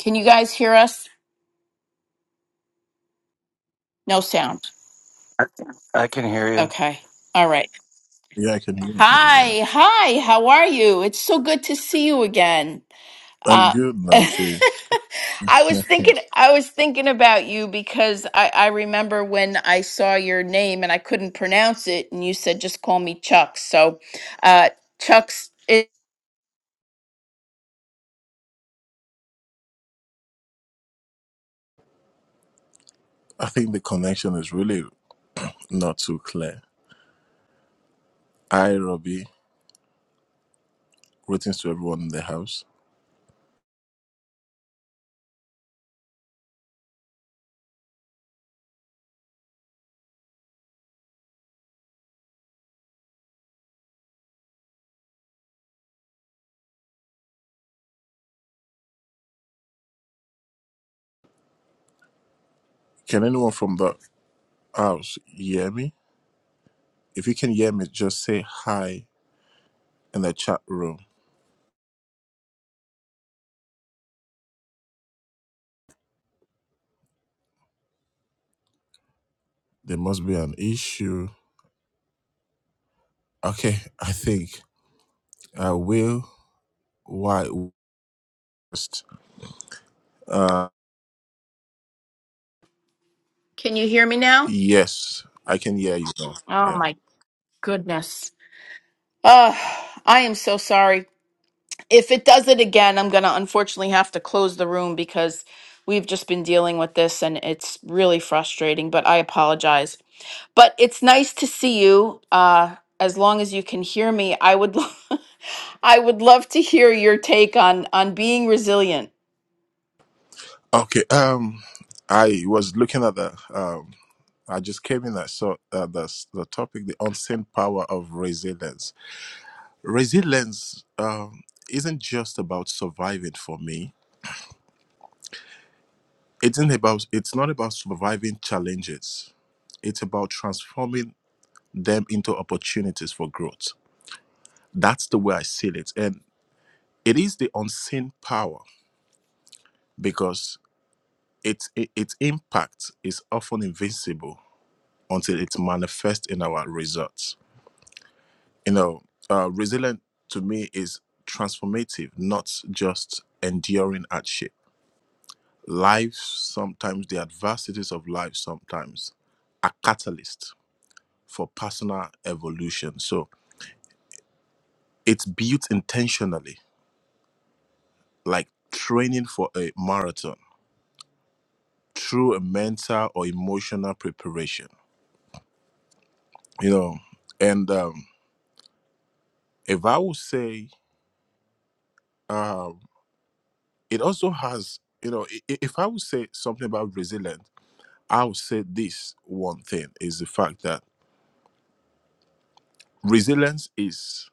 [SPEAKER 1] can you guys hear us No sound.
[SPEAKER 2] I can hear you.
[SPEAKER 1] Okay. All right.
[SPEAKER 4] Yeah, I can hear you. Yeah.
[SPEAKER 1] Hi. Hi. How are you? It's so good to see you again.
[SPEAKER 4] I'm
[SPEAKER 1] Uh,
[SPEAKER 4] good,
[SPEAKER 1] <laughs>
[SPEAKER 4] Nancy.
[SPEAKER 1] I
[SPEAKER 4] <laughs>
[SPEAKER 1] was thinking I was thinking about you because I, I remember when I saw your name and I couldn't pronounce it and you said just call me Chuck. So uh Chuck's it,
[SPEAKER 4] I think the connection is really not too clear. Hi, Robbie. Greetings to everyone in the house. Can anyone from the house hear me? If you can hear me, just say hi in the chat room. There must be an issue. Okay, I think I will. Why? West. Uh,
[SPEAKER 1] can you hear me now?
[SPEAKER 4] yes, I can hear you now.
[SPEAKER 1] Oh
[SPEAKER 4] Yeah.
[SPEAKER 1] my goodness. Oh, I am so sorry. if it does it again, I'm going to unfortunately have to close the room because we've just been dealing with this and it's really frustrating, but I apologize. But it's nice to see you. Uh, as long as you can hear me, I would lo- <laughs> I would love to hear your take on on being resilient.
[SPEAKER 4] Okay. Um, I was looking at the. Um, I just came in. I saw uh, the s- the topic, the unseen power of resilience. Resilience um, isn't just about surviving. For me, it's not about. It's not about surviving challenges. It's about transforming them into opportunities for growth. That's the way I see it, and it is the unseen power because its its impact is often invincible until it manifests in our results You know, uh, resilient to me is transformative, not just enduring hardship. Life, sometimes the adversities of life, sometimes are catalyst for personal evolution. So it's built intentionally, like training for a marathon through a mental or emotional preparation. You know, and um, if I would say, um, it also has, you know, i- i- if I would say something about resilience I would say this one thing is the fact that resilience is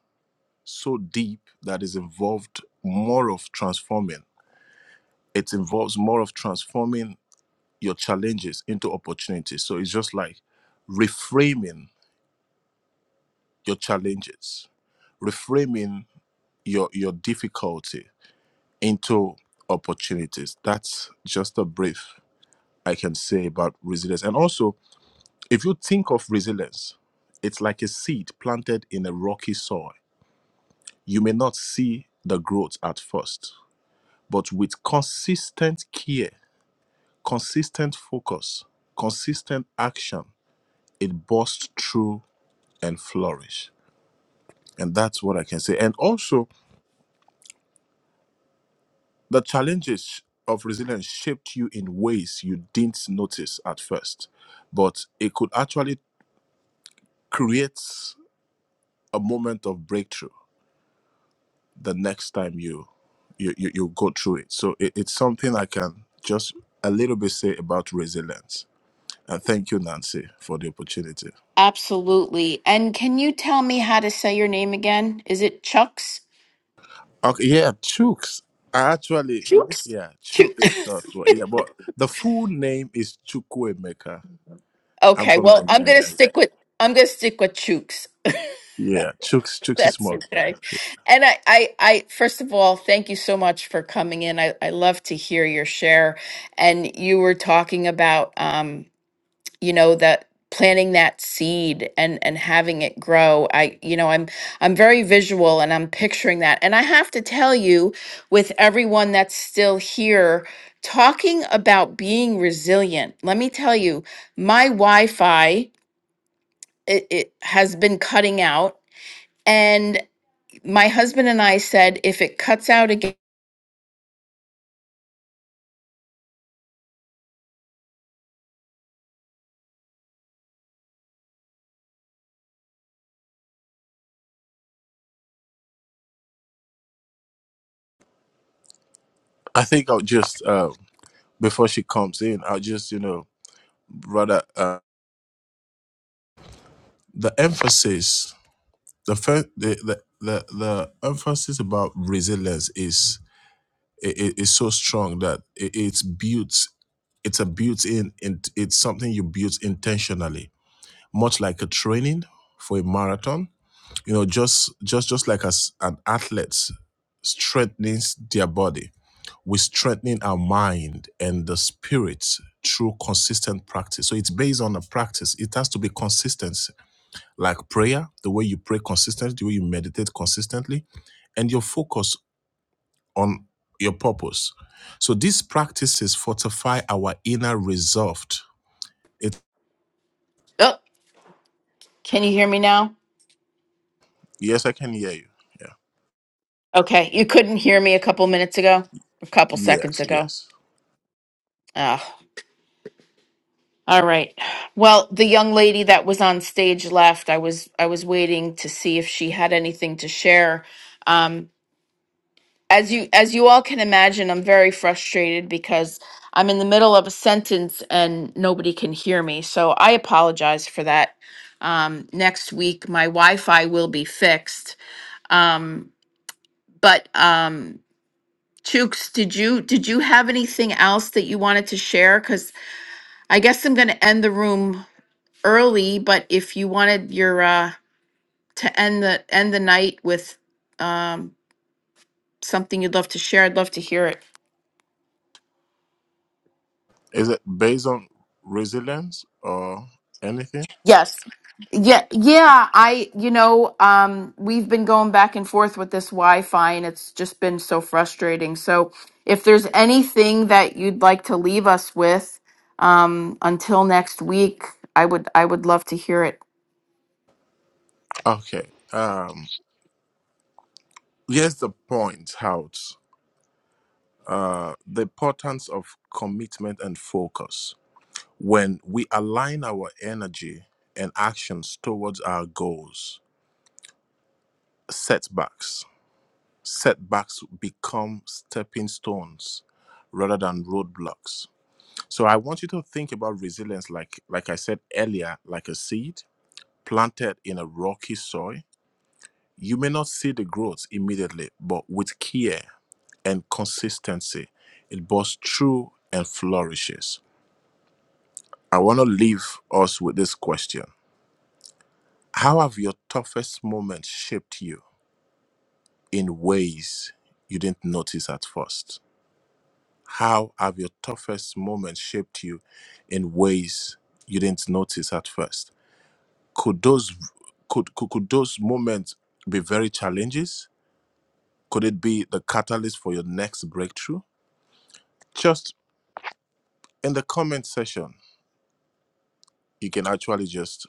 [SPEAKER 4] so deep that is involved more of transforming. It involves more of transforming your challenges into opportunities. So it's just like reframing your challenges, reframing your your difficulty into opportunities. That's just a brief I can say about resilience. And also, if you think of resilience, it's like a seed planted in a rocky soil You may not see the growth at first, but with consistent care, consistent focus, consistent action, it bursts through and flourish. And that's what I can say. And also, the challenges of resilience shaped you in ways you didn't notice at first, but it could actually create a moment of breakthrough the next time you you, you, you go through it. So it, it's something I can just a little bit say about resilience And thank you, Nancy, for the opportunity.
[SPEAKER 1] Absolutely. And can you tell me how to say your name again? Is it Chucks?
[SPEAKER 4] Okay, yeah, Chooks. I actually,
[SPEAKER 1] Chucks.
[SPEAKER 4] yeah,
[SPEAKER 1] Chu-
[SPEAKER 4] Chooks.
[SPEAKER 1] <laughs>
[SPEAKER 4] Not what- Yeah, but the full name is Chukwuemeka. I'm
[SPEAKER 1] Okay,
[SPEAKER 4] from
[SPEAKER 1] well, I'm gonna
[SPEAKER 4] Nigeria. Yeah,
[SPEAKER 1] stick with I'm gonna stick with Chooks.
[SPEAKER 4] yeah Chooks.
[SPEAKER 1] <laughs>
[SPEAKER 4] Chooks is
[SPEAKER 1] That's
[SPEAKER 4] more better.
[SPEAKER 1] okay.
[SPEAKER 4] Yeah.
[SPEAKER 1] And I, I, I first of all, thank you so much for coming in. I, I love to hear your share. And you were talking about um, you know, that planting that seed and and having it grow. I, you know, I'm I'm very visual and I'm picturing that. And I have to tell you, with everyone that's still here, talking about being resilient, let me tell you, my Wi-Fi it, it has been cutting out. And my husband and I said, if it cuts out again,
[SPEAKER 4] I think I'll just uh, before she comes in, I'll just you know rather uh, the emphasis. The, fir- the the the the emphasis about resilience is it, it- it's so strong that it, it's built it's a built-in and it's something you build intentionally much like a training for a marathon you know just just just like as an athlete strengthens their body we strengthening our mind and the spirit through consistent practice so it's based on a practice it has to be consistent like prayer the way you pray consistently the way you meditate consistently and your focus on your purpose. So these practices fortify our inner resolve. It
[SPEAKER 1] oh, can you hear me now?
[SPEAKER 4] yes, I can hear you. Yeah.
[SPEAKER 1] Okay, you couldn't hear me a couple minutes ago, a couple seconds
[SPEAKER 4] Yes,
[SPEAKER 1] ago.
[SPEAKER 4] yes.
[SPEAKER 1] Oh, all right. Well, the young lady that was on stage left. I was I was waiting to see if she had anything to share. Um, as you as you all can imagine i'm very frustrated because i'm in the middle of a sentence and nobody can hear me so i apologize for that um, next week my wi-fi will be fixed um, but um, chooks did you did you have anything else that you wanted to share because i guess i'm going to end the room early but if you wanted your uh, to end the end the night with um, something you'd love to share i'd love to hear it
[SPEAKER 4] Is it based on resilience or anything?
[SPEAKER 1] Yes. Yeah, yeah, I, you know, um, we've been going back and forth with this Wi-Fi and it's just been so frustrating. So if there's anything that you'd like to leave us with, um, until next week, I would, I would love to hear it.
[SPEAKER 4] Okay. Um here's the point out. Uh the importance of commitment and focus. When we align our energy and actions towards our goals, setbacks setbacks become stepping stones rather than roadblocks so i want you to think about resilience like like i said earlier like a seed planted in a rocky soil you may not see the growth immediately but with care and consistency it bursts through and flourishes i want to leave us with this question how have your toughest moments shaped you in ways you didn't notice at first How have your toughest moments shaped you in ways you didn't notice at first? Could those could, could could those moments be very challenges? Could it be the catalyst for your next breakthrough? Just in the comment section, you can actually just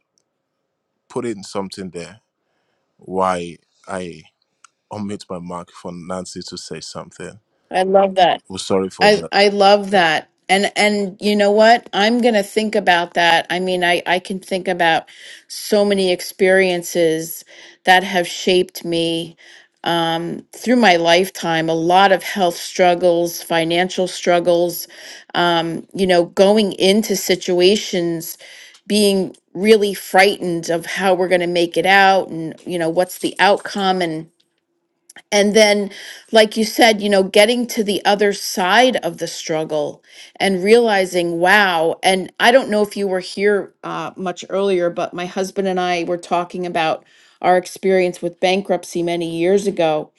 [SPEAKER 4] put in something there why I omit my mark for Nancy to say something.
[SPEAKER 1] I love that.
[SPEAKER 4] We're sorry for
[SPEAKER 1] I
[SPEAKER 4] that.
[SPEAKER 1] I love that. And and you know what? I'm going to think about that. I mean, I I can think about so many experiences that have shaped me um, through my lifetime, a lot of health struggles, financial struggles, um, you know, going into situations, being really frightened of how we're going to make it out and, you know, what's the outcome. And and then, like you said, you know, getting to the other side of the struggle and realizing, wow. And I don't know if you were here uh, much earlier, but my husband and I were talking about our experience with bankruptcy many years ago.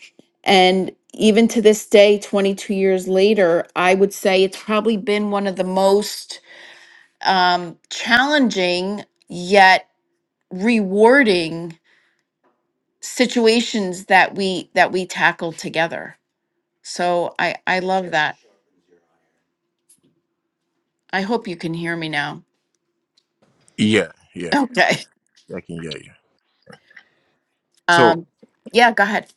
[SPEAKER 1] And even to this day, 22 years later, I would say it's probably been one of the most um, challenging yet rewarding situations that we that we tackled together so I I love that. I hope you can hear me now. <laughs>
[SPEAKER 4] Yeah, yeah, yeah,
[SPEAKER 1] Okay.
[SPEAKER 4] I can hear you. So
[SPEAKER 1] Um yeah, go ahead.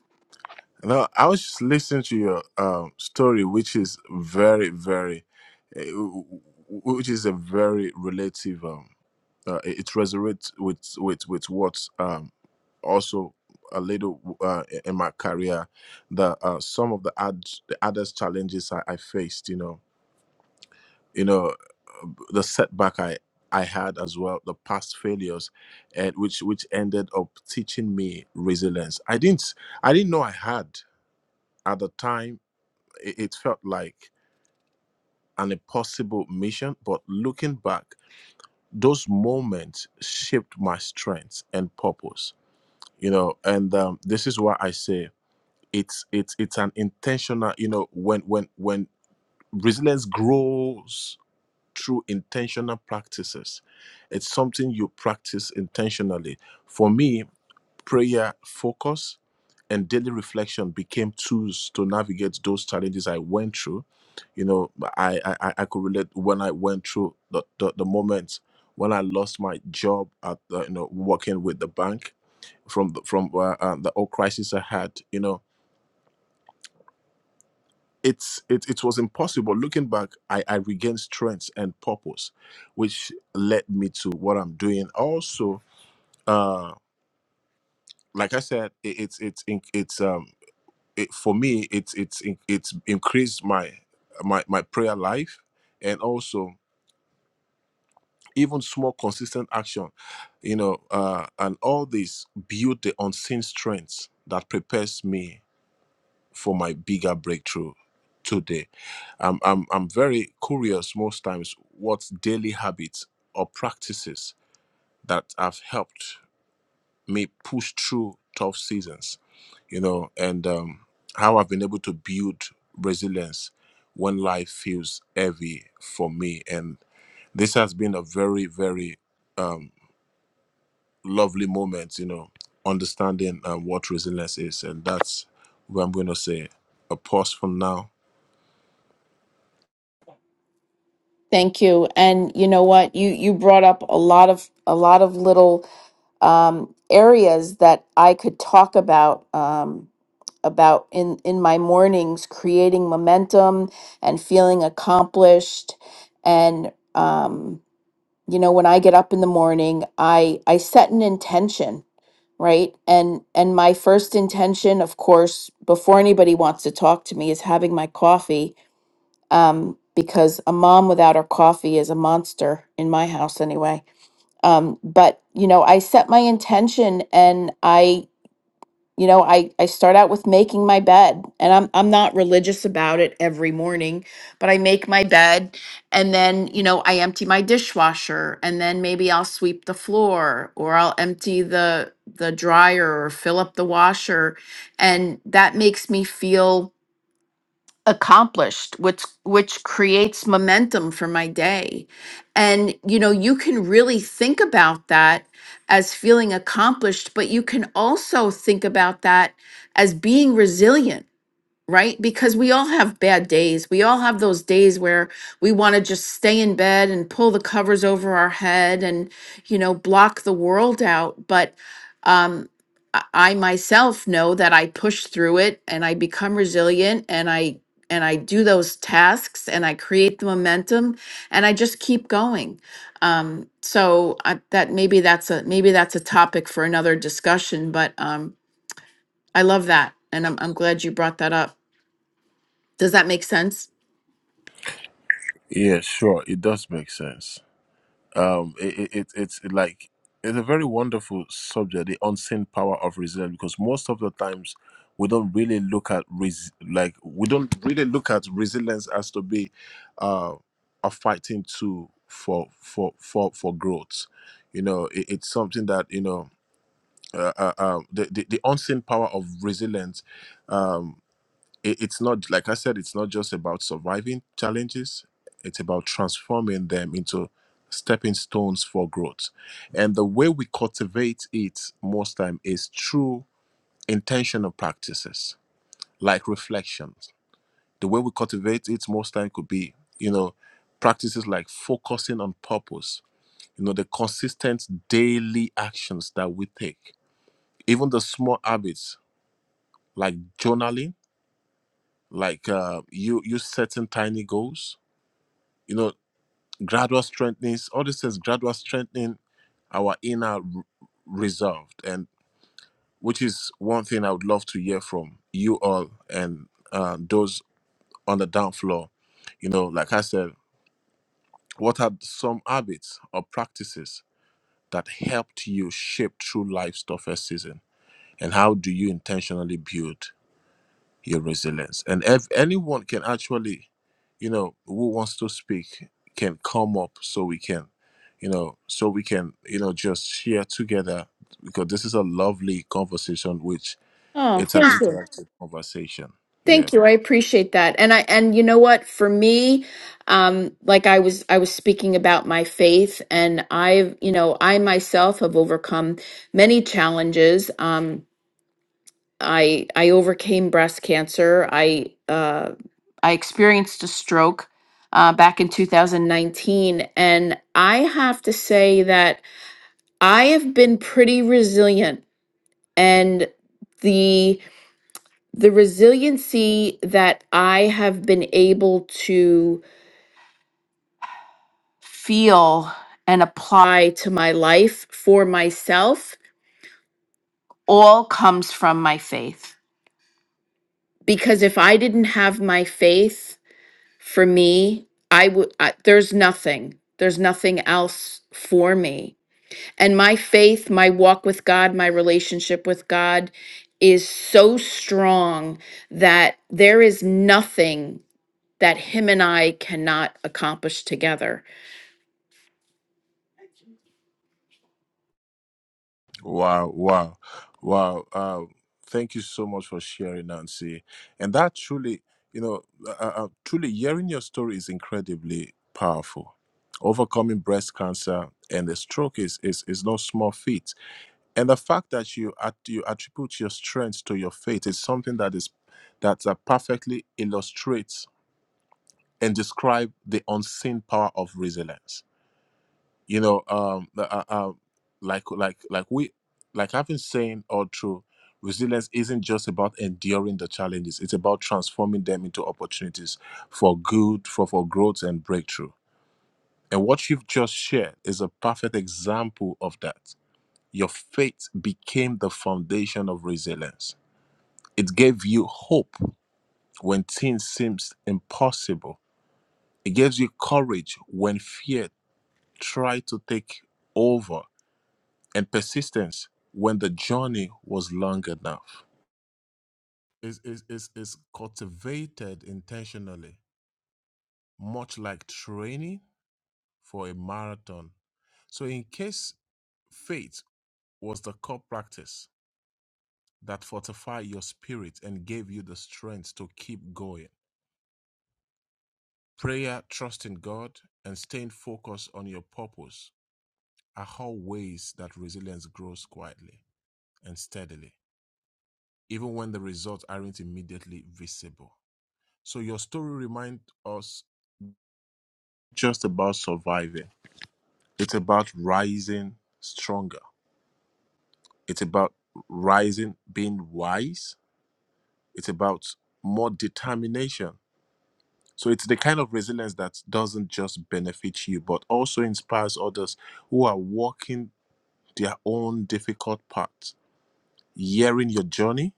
[SPEAKER 4] No, I was just listening to your um, story, which is very, very, uh, which is a very relative. Um, uh, it it resonates with with with what um, also a little uh, in my career that uh, some of the ad the others challenges I, I faced. You know, you know, the setback I I had as well, the past failures, and which which ended up teaching me resilience. I didn't I didn't know I had at the time it, it felt like an impossible mission but looking back those moments shaped my strength and purpose you know and um, this is why i say it's it's it's an intentional you know when when when resilience grows through intentional practices it's something you practice intentionally for me prayer focus and daily reflection became tools to navigate those challenges I went through. You know, I I, I I could relate when I went through the, the, the moment when I lost my job at the, you know working with the bank from the, from uh, uh, the old crisis I had. You know, it's it it was impossible. Looking back, I I regained strength and purpose, which led me to what I'm doing. Also, uh, like I said, it, it's it's in- it's um it for me it's it's in- it's increased my my my prayer life and also even small consistent action you know uh and all this build the unseen strength that prepares me for my bigger breakthrough today i'm i'm, I'm very curious most times what daily habits or practices that have helped me push through tough seasons, you know, and um, how I've been able to build resilience when life feels heavy for me. And this has been a very, very lovely moment, you know, understanding um, what resilience is. And that's what I'm going to say. A pause from now.
[SPEAKER 1] Thank you. And you know what? You you brought up a lot of a lot of little um areas that I could talk about um about in in my mornings creating momentum and feeling accomplished and um you know when I get up in the morning, I I set an intention right and and my first intention of course before anybody wants to talk to me is having my coffee um because a mom without her coffee is a monster in my house anyway um but you know i set my intention and i you know i i start out with making my bed and i'm i'm not religious about it every morning but i make my bed and then you know i empty my dishwasher and then maybe i'll sweep the floor or i'll empty the the dryer or fill up the washer and that makes me feel accomplished which which creates momentum for my day and you know you can really think about that as feeling accomplished but you can also think about that as being resilient right? Because we all have bad days. We all have those days where we want to just stay in bed and pull the covers over our head and, you know, block the world out. But um, I I myself know that I push through it and I become resilient and I and I do those tasks and I create the momentum and I just keep going. Um, so I, that maybe that's a maybe that's a topic for another discussion. But um, I love that and I'm I'm glad you brought that up. Does that make sense?
[SPEAKER 4] Yeah, sure. It does make sense. um it, it, it it's like it's a very wonderful subject the unseen power of resilience because most of the times we don't really look at res- like we don't really look at resilience as to be uh a fighting tool for for for for growth you know it, it's something that you know uh, uh, um, the, the the unseen power of resilience um, it, it's not like i said it's not just about surviving challenges it's about transforming them into stepping stones for growth and the way we cultivate it most time is through intentional practices like reflections the way we cultivate it most time could be you know practices like focusing on purpose you know the consistent daily actions that we take even the small habits like journaling like uh, you you setting tiny goals you know, gradual strengthening, all this is gradual strengthening our inner r- resolved, and which is one thing I would love to hear from you all and uh, those on the down floor. You know, like I said, what are some habits or practices that helped you shape through life's toughest season, and how do you intentionally build? your resilience. And if anyone can actually, you know, who wants to speak can come up so we can, you know, so we can, you know, just share together because this is a lovely conversation, which
[SPEAKER 1] Oh,
[SPEAKER 4] it's an
[SPEAKER 1] thank you.
[SPEAKER 4] interactive conversation. yeah.
[SPEAKER 1] Thank you. I appreciate that. And I and you know what, for me, um like I was I was speaking about my faith and I've, you know, I myself have overcome many challenges. Um I I overcame breast cancer. I uh I experienced a stroke uh back in 2019 and I have to say that I have been pretty resilient and the the resiliency that I have been able to feel and apply to my life for myself all comes from my faith. Because if I didn't have my faith for me, I would, I, there's nothing, there's nothing else for me. And my faith, my walk with God, my relationship with God is so strong that there is nothing that him and I cannot accomplish together.
[SPEAKER 4] Wow, wow, wow. Uh, thank you so much for sharing, Nancy. And that truly, you know, uh, uh, uh, truly hearing your story is incredibly powerful. Overcoming breast cancer and the stroke is, is, is no small feat. And the fact that you, at, you attribute your strength to your faith is something that is that uh, perfectly illustrates and describe the unseen power of resilience you know um the- uh, uh, like like like we like i've been saying all through resilience isn't just about enduring the challenges it's about transforming them into opportunities for good for for growth and breakthrough and what you've just shared is a perfect example of that your faith became the foundation of resilience it gave you hope when things seems impossible it gives you courage when fear tried to take over and persistence when the journey was long enough. It's, it's, it's, it's cultivated intentionally, much like training for a marathon. So, in case faith was the core practice that fortified your spirit and gave you the strength to keep going, prayer, trusting God, and staying focused on your purpose are how ways that resilience grows quietly and steadily, even when the results aren't immediately visible. So your story reminds us just about surviving. It's about rising stronger. It's about rising being wise. It's about more determination. So it's the kind of resilience that doesn't just benefit you, but also inspires others who are walking their own difficult paths. Hearing your journey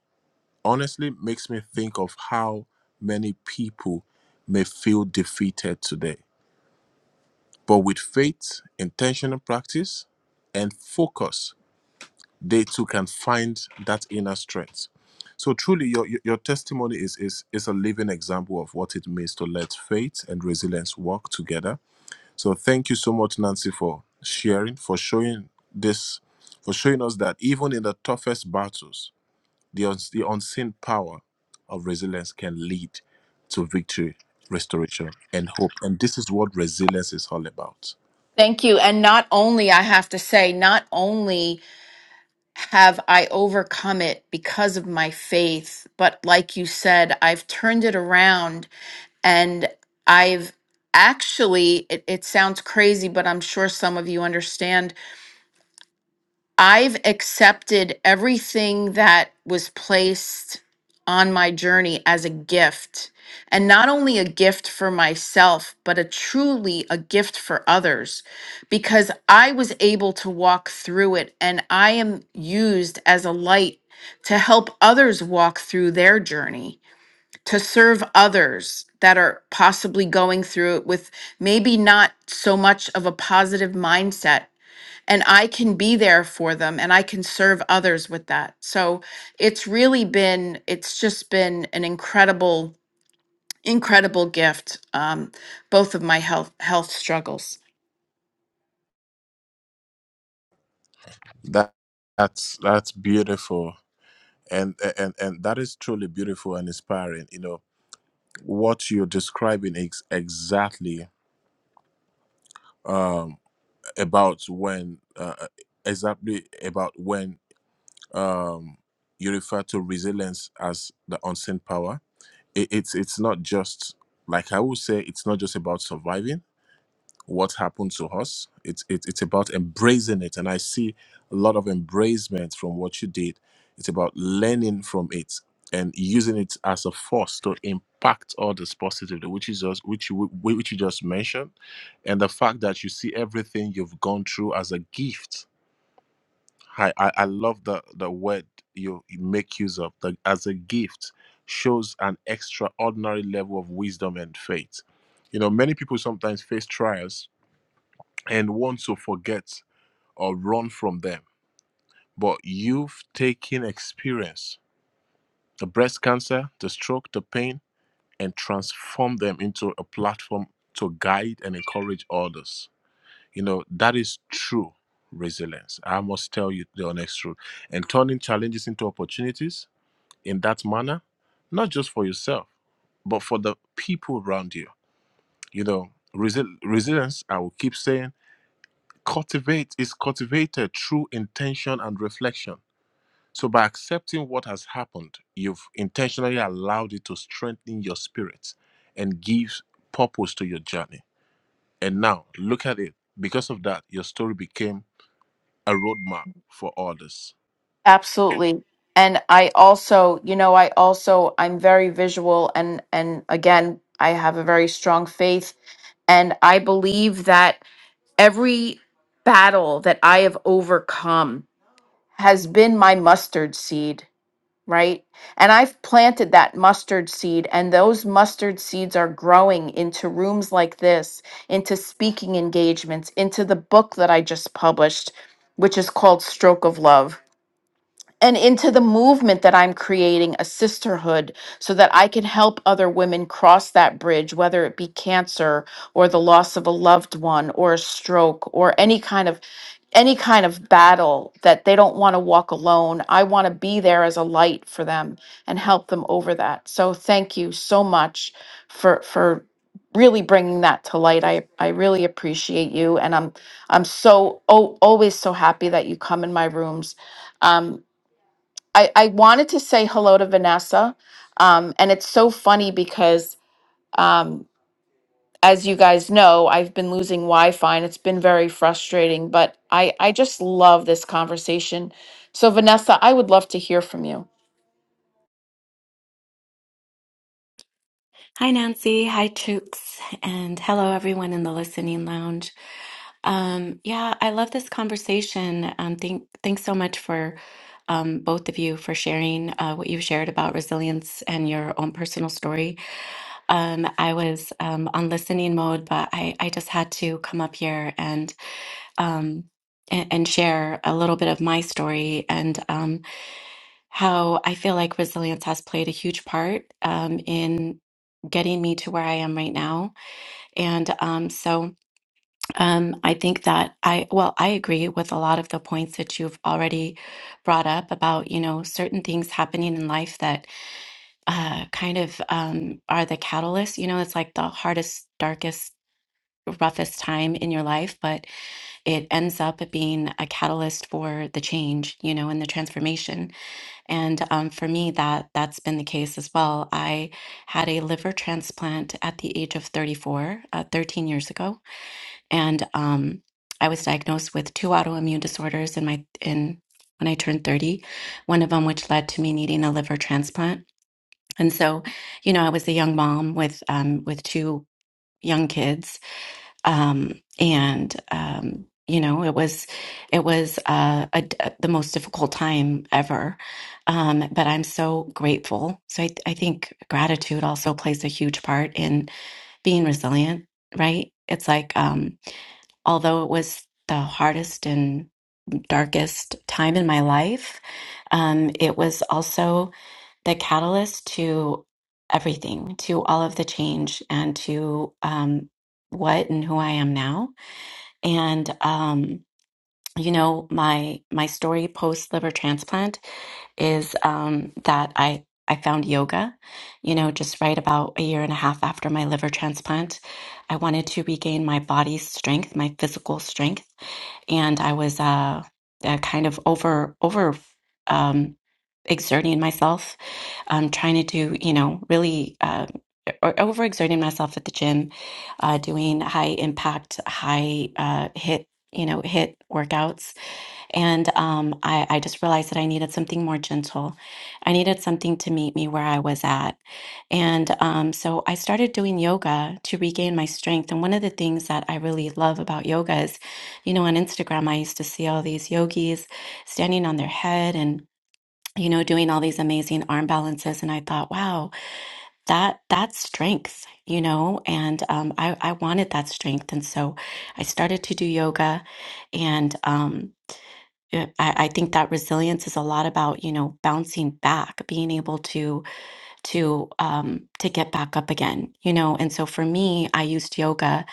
[SPEAKER 4] honestly makes me think of how many people may feel defeated today But with faith, intentional practice, and focus, they too can find that inner strength. So truly, your your your testimony is is is a living example of what it means to let faith and resilience work together. So thank you so much, Nancy, for sharing, for showing this, for showing us that even in the toughest battles, the uns- the unseen power of resilience can lead to victory, restoration, and hope. And this is what resilience is all about.
[SPEAKER 1] Thank you. And not only, I have to say, not only have I overcome it because of my faith, but like you said, I've turned it around and I've actually, it, it sounds crazy, but I'm sure some of you understand. I've accepted everything that was placed on my journey as a gift, and not only a gift for myself, but a truly a gift for others because I was able to walk through it and I am used as a light to help others walk through their journey, to serve others that are possibly going through it with maybe not so much of a positive mindset and I can be there for them and I can serve others with that. So it's really been, it's just been an incredible, incredible gift. Um, both of my health health struggles,
[SPEAKER 4] That that's that's beautiful, and and and that is truly beautiful and inspiring. You know what you're describing is exactly um, about when uh, exactly about when um, you refer to resilience as the unseen power. It, it's it's not just like I would say it's not just about surviving what happened to us. It's it, it's about embracing it, and I see a lot of embracement from what you did. It's about learning from it and using it as a force to impact others positively, which is just which you which you just mentioned, and the fact that you see everything you've gone through as a gift. I I, I love the the word you, you make use of the, as a gift shows an extraordinary level of wisdom and faith. You know, many people sometimes face trials and want to forget or run from them. But you've taken experience, the breast cancer, the stroke, the pain, and transformed them into a platform to guide and encourage others. You know, that is true resilience. I must tell you the honest truth. And turning challenges into opportunities in that manner, not just for yourself, but for the people around you. You know, resi- resilience, I will keep saying cultivate is cultivated through intention and reflection so by accepting what has happened you've intentionally allowed it to strengthen your spirit and gives purpose to your journey and now look at it because of that your story became a roadmap for others
[SPEAKER 1] absolutely. And I also, you know, I also I'm very visual and and again I have a very strong faith and I believe that every battle that I have overcome has been my mustard seed right? And I've planted that mustard seed, and those mustard seeds are growing into rooms like this, into speaking engagements, into the book that I just published, which is called Stroke of Love and into the movement that I'm creating a sisterhood so that I can help other women cross that bridge, whether it be cancer or the loss of a loved one or a stroke or any kind of any kind of battle that they don't want to walk alone. I want to be there as a light for them and help them over that. So thank you so much for for really bringing that to light. I I really appreciate you and I'm I'm so oh, always so happy that you come in my rooms. Um, I, I wanted to say hello to Vanessa. Um, and it's so funny because, um, as you guys know, I've been losing Wi Fi and it's been very frustrating, but I, I just love this conversation. So, Vanessa, I would love to hear from you.
[SPEAKER 5] Hi, Nancy. Hi, Chooks. And hello, everyone in the listening lounge. Um, yeah, I love this conversation. Um, thank, thanks so much for um, both of you for sharing uh, what you've shared about resilience and your own personal story. Um, I was um, on listening mode, but I, I just had to come up here and um, and, and share a little bit of my story. And um, how I feel like resilience has played a huge part um, in getting me to where I am right now. And um, so um, I think that I, well, I agree with a lot of the points that you've already brought up about, you know, certain things happening in life that uh, kind of um, are the catalyst. You know, it's like the hardest, darkest, roughest time in your life, but it ends up being a catalyst for the change, you know, and the transformation. And um, for me, that that's been the case as well. I had a liver transplant at the age of 34, uh, 13 years ago, and um, I was diagnosed with two autoimmune disorders in my in when I turned 30. One of them, which led to me needing a liver transplant. And so, you know, I was a young mom with um, with two young kids um, and um, you know it was it was uh, a, a- the most difficult time ever um, but i'm so grateful so I, I think gratitude also plays a huge part in being resilient right it's like um, although it was the hardest and darkest time in my life um, it was also the catalyst to everything to all of the change and to um, what and who i am now and um, you know, my my story post liver transplant is um, that I I found yoga, you know, just right about a year and a half after my liver transplant. I wanted to regain my body's strength, my physical strength, and I was uh, uh kind of over over um exerting myself um trying to do you know really uh, or overexerting myself at the gym, uh, doing high impact, high uh, hit, you know, hit workouts. And um, I, I just realized that I needed something more gentle. I needed something to meet me where I was at. And um, so I started doing yoga to regain my strength. And one of the things that I really love about yoga is, you know, on Instagram, I used to see all these yogis standing on their head and you know, doing all these amazing arm balances. And I thought, wow, that that's strength you know and um, I, I wanted that strength and so i started to do yoga and um, I, I think that resilience is a lot about you know bouncing back being able to to um, to get back up again you know and so for me i used yoga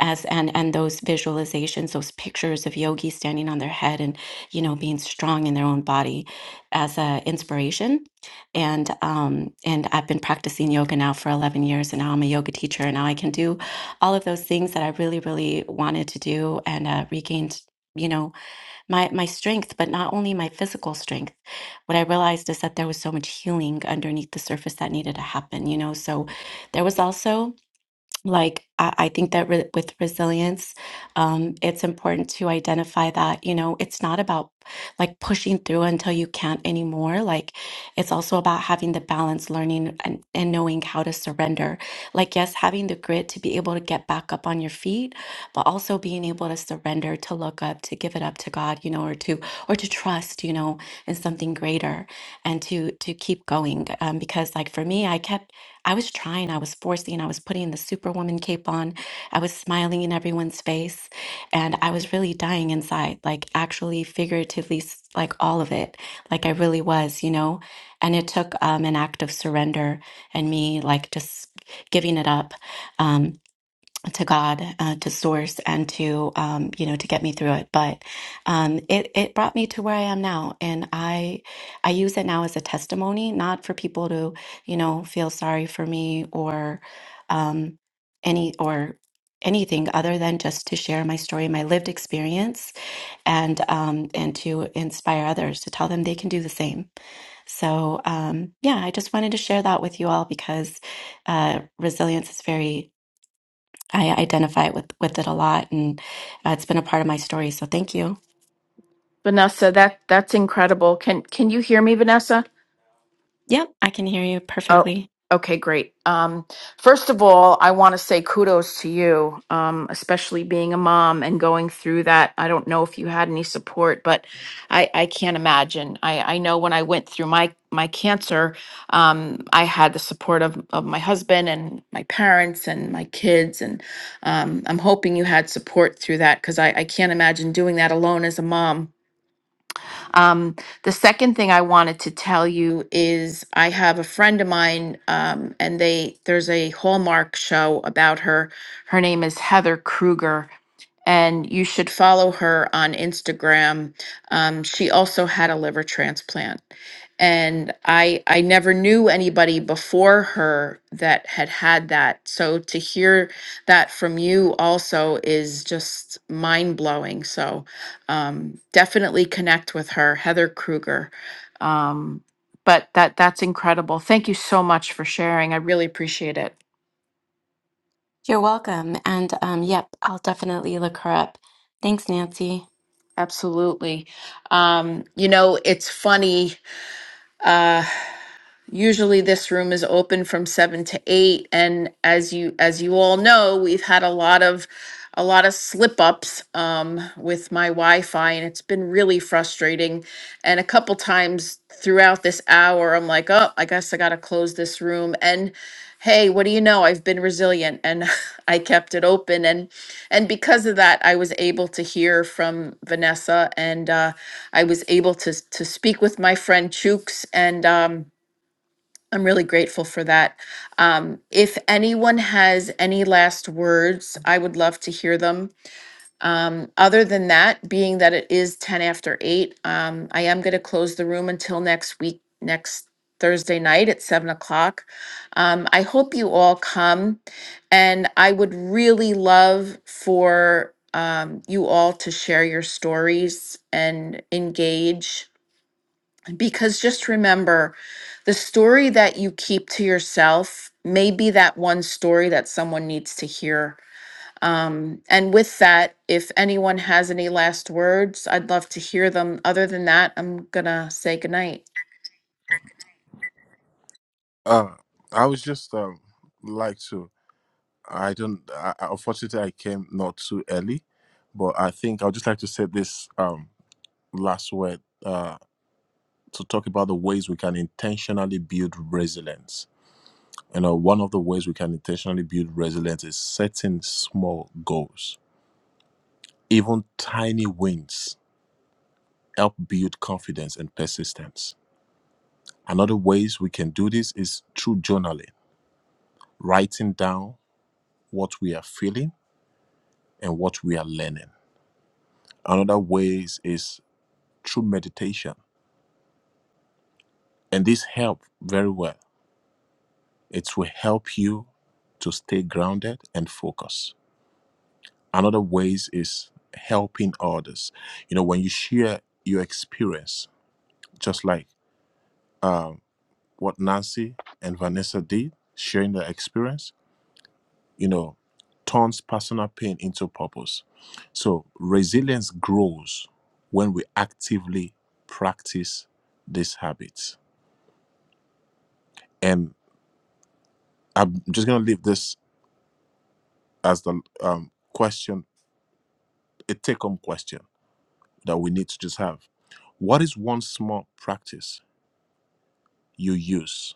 [SPEAKER 5] as and and those visualizations those pictures of yogis standing on their head and you know being strong in their own body as a inspiration and um and i've been practicing yoga now for 11 years and now i'm a yoga teacher and now i can do all of those things that i really really wanted to do and uh, regained you know my my strength, but not only my physical strength. What I realized is that there was so much healing underneath the surface that needed to happen, you know. So there was also like I, I think that re- with resilience um, it's important to identify that you know it's not about like pushing through until you can't anymore like it's also about having the balance learning and, and knowing how to surrender like yes having the grit to be able to get back up on your feet but also being able to surrender to look up to give it up to god you know or to or to trust you know in something greater and to to keep going um, because like for me i kept I was trying, I was forcing, I was putting the superwoman cape on, I was smiling in everyone's face, and I was really dying inside, like actually figuratively, s- like all of it, like I really was, you know? And it took um, an act of surrender and me, like, just giving it up. um, to God, uh, to Source, and to um, you know to get me through it. But um, it it brought me to where I am now, and I I use it now as a testimony, not for people to you know feel sorry for me or um, any or anything other than just to share my story, my lived experience, and um, and to inspire others to tell them they can do the same. So um, yeah, I just wanted to share that with you all because uh, resilience is very I identify with with it a lot, and uh, it's been a part of my story. So thank you.
[SPEAKER 1] Vanessa, that that's incredible. Can can you hear me, Vanessa?
[SPEAKER 5] Yep, I can hear you
[SPEAKER 1] Oh,
[SPEAKER 5] perfectly.
[SPEAKER 1] okay, great. Um, first of all, I want to say kudos to you, um, especially being a mom and going through that. I don't know if you had any support, but I, I can't imagine. I, I know when I went through my my cancer, um, I had the support of, of my husband and my parents and my kids, and um, I'm hoping you had support through that because I, I can't imagine doing that alone as a mom. Um, the second thing I wanted to tell you is I have a friend of mine, um, and they there's a Hallmark show about her. Her name is Heather Kruger, and you should follow her on Instagram. Um, she also had a liver transplant, and I I never knew anybody before her that had had that. So to hear that from you also is just mind blowing. So um, definitely connect with her, Heather Kruger. Um, but that that's incredible. Thank you so much for sharing. I really appreciate it.
[SPEAKER 5] You're welcome. And um, yep, I'll definitely look her up. Thanks, Nancy.
[SPEAKER 1] Absolutely. Um, you know, it's funny. uh, Usually this room is open from 7 to 8 and as you as you all know, we've had a lot of a lot of slip ups um, with my Wi-Fi and it's been really frustrating. And a couple times throughout this hour, I'm like, oh, I guess I got to close this room. And hey, what do you know? I've been resilient and <laughs> I kept it open. And and because of that, I was able to hear from Vanessa and uh, I was able to to speak with my friend Chooks and. Um, I'm really grateful for that. Um, if anyone has any last words, I would love to hear them. Um, other than that, being that it is 10 after 8, um, I am going to close the room until next week, next Thursday night at 7 o'clock. Um, I hope you all come, and I would really love for um, you all to share your stories and engage. Because just remember, the story that you keep to yourself may be that one story that someone needs to hear. Um, and with that, if anyone has any last words, I'd love to hear them. Other than that, I'm going to say goodnight.
[SPEAKER 4] uh i was just um like to i don't I, I- unfortunately i came not too early but i think i would just like to say this um last word Uh, to talk about the ways we can intentionally build resilience. You know, one of the ways we can intentionally build resilience is setting small goals. Even tiny wins help build confidence and persistence. Another ways we can do this is through journaling, writing down what we are feeling and what we are learning. Another ways is through meditation. And this help very well. It will help you to stay grounded and focused. another ways is helping others you know when you share your experience just like um, what nancy and vanessa did sharing their experience you know turns personal pain into purpose so resilience grows when we actively practice these habits and i'm just going to leave this as the um, question a take-home question that we need to just have what is one small practice you use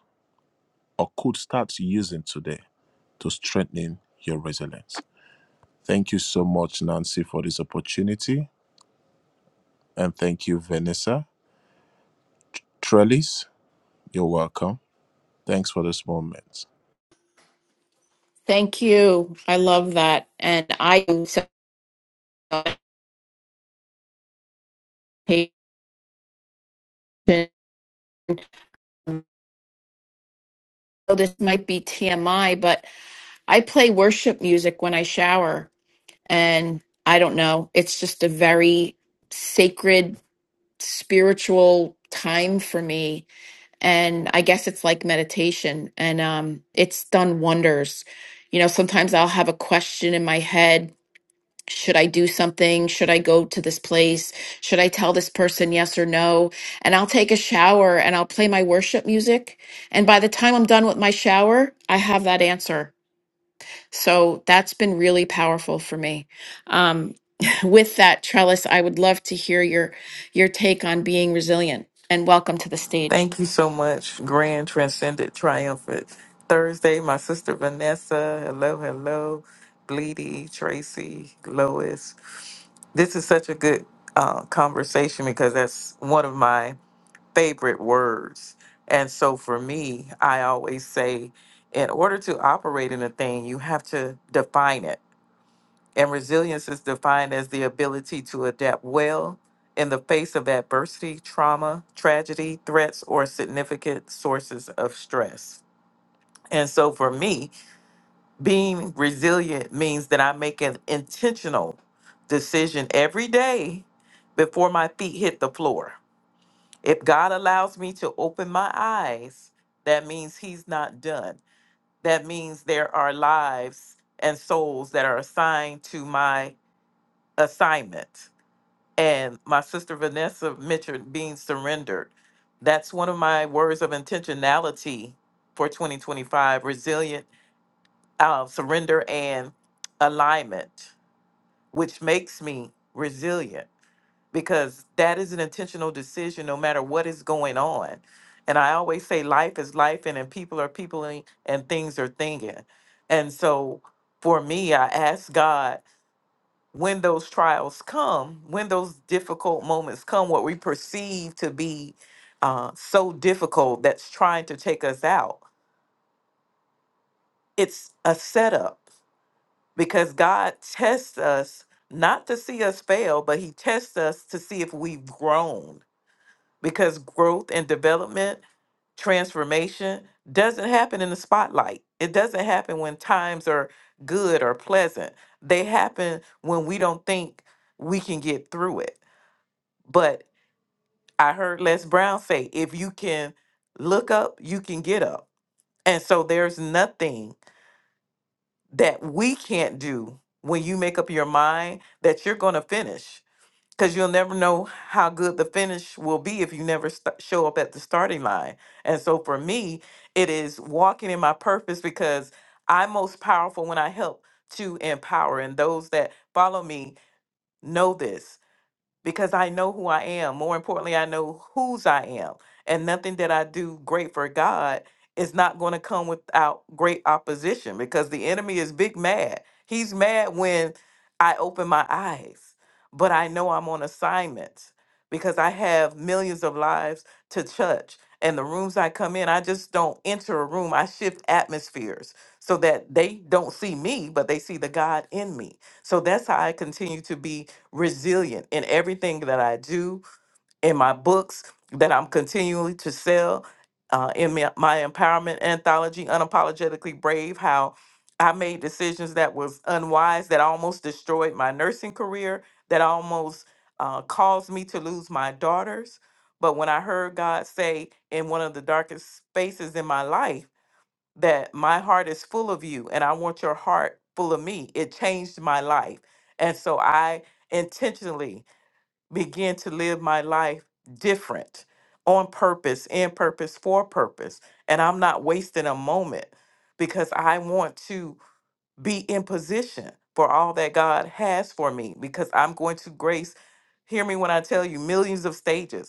[SPEAKER 4] or could start using today to strengthen your resilience. Thank you so much, Nancy, for this opportunity. And thank you, Vanessa. Trellis, you're welcome. Thanks for this moment.
[SPEAKER 1] Thank you. I love that. And I am so patient. know this might be TMI, but I play worship music when I shower. And I don't know, it's just a very sacred, spiritual time for me. And I guess it's like meditation, and um, it's done wonders. You know, sometimes I'll have a question in my head should I do something? Should I go to this place? Should I tell this person yes or no? And I'll take a shower and I'll play my worship music. And by the time I'm done with my shower, I have that answer. So that's been really powerful for me. Um, <laughs> with that, Trellis, I would love to hear your your take on being resilient. And welcome to the stage.
[SPEAKER 6] Thank you so much, Grand Transcendent Triumphant Thursday. My sister Vanessa, hello, hello, Bleedy, Tracy, Lois. This is such a good uh, conversation because that's one of my favorite words. And so for me, I always say, in order to operate in a thing, you have to define it and resilience is defined as the ability to adapt well in the face of adversity, trauma, tragedy, threats, or significant sources of stress. And so for me, being resilient means that I make an intentional decision every day before my feet hit the floor. If God allows me to open my eyes, that means He's not done. That means there are lives and souls that are assigned to my assignment And my sister Vanessa mentioned being surrendered. That's one of my words of intentionality for 2025 resilient, uh, surrender, and alignment, which makes me resilient because that is an intentional decision no matter what is going on. And I always say life is life, and, and people are people, and, and things are thinking. And so for me, I ask God when those trials come, when those difficult moments come, what we perceive to be uh, so difficult that's trying to take us out, it's a setup because God tests us not to see us fail, but He tests us to see if we've grown because growth and development, transformation doesn't happen in the spotlight. It doesn't happen when times are good or pleasant. They happen when we don't think we can get through it. But I heard Les Brown say, if you can look up, you can get up. And so there's nothing that we can't do when you make up your mind that you're going to finish because you'll never know how good the finish will be if you never st- show up at the starting line. And so for me, it is walking in my purpose because I'm most powerful when I help to empower. And those that follow me know this because I know who I am. More importantly, I know whose I am. And nothing that I do great for God is not going to come without great opposition because the enemy is big mad. He's mad when I open my eyes, but I know I'm on assignment because I have millions of lives to touch. And the rooms I come in, I just don't enter a room. I shift atmospheres so that they don't see me, but they see the God in me. So that's how I continue to be resilient in everything that I do, in my books that I'm continuing to sell, uh, in my, my empowerment anthology, Unapologetically Brave, how I made decisions that was unwise, that almost destroyed my nursing career, that almost uh, caused me to lose my daughters. But when I heard God say in one of the darkest spaces in my life, that my heart is full of you and I want your heart full of me. It changed my life. And so I intentionally began to live my life different on purpose, in purpose, for purpose. And I'm not wasting a moment because I want to be in position for all that God has for me because I'm going to grace, hear me when I tell you, millions of stages.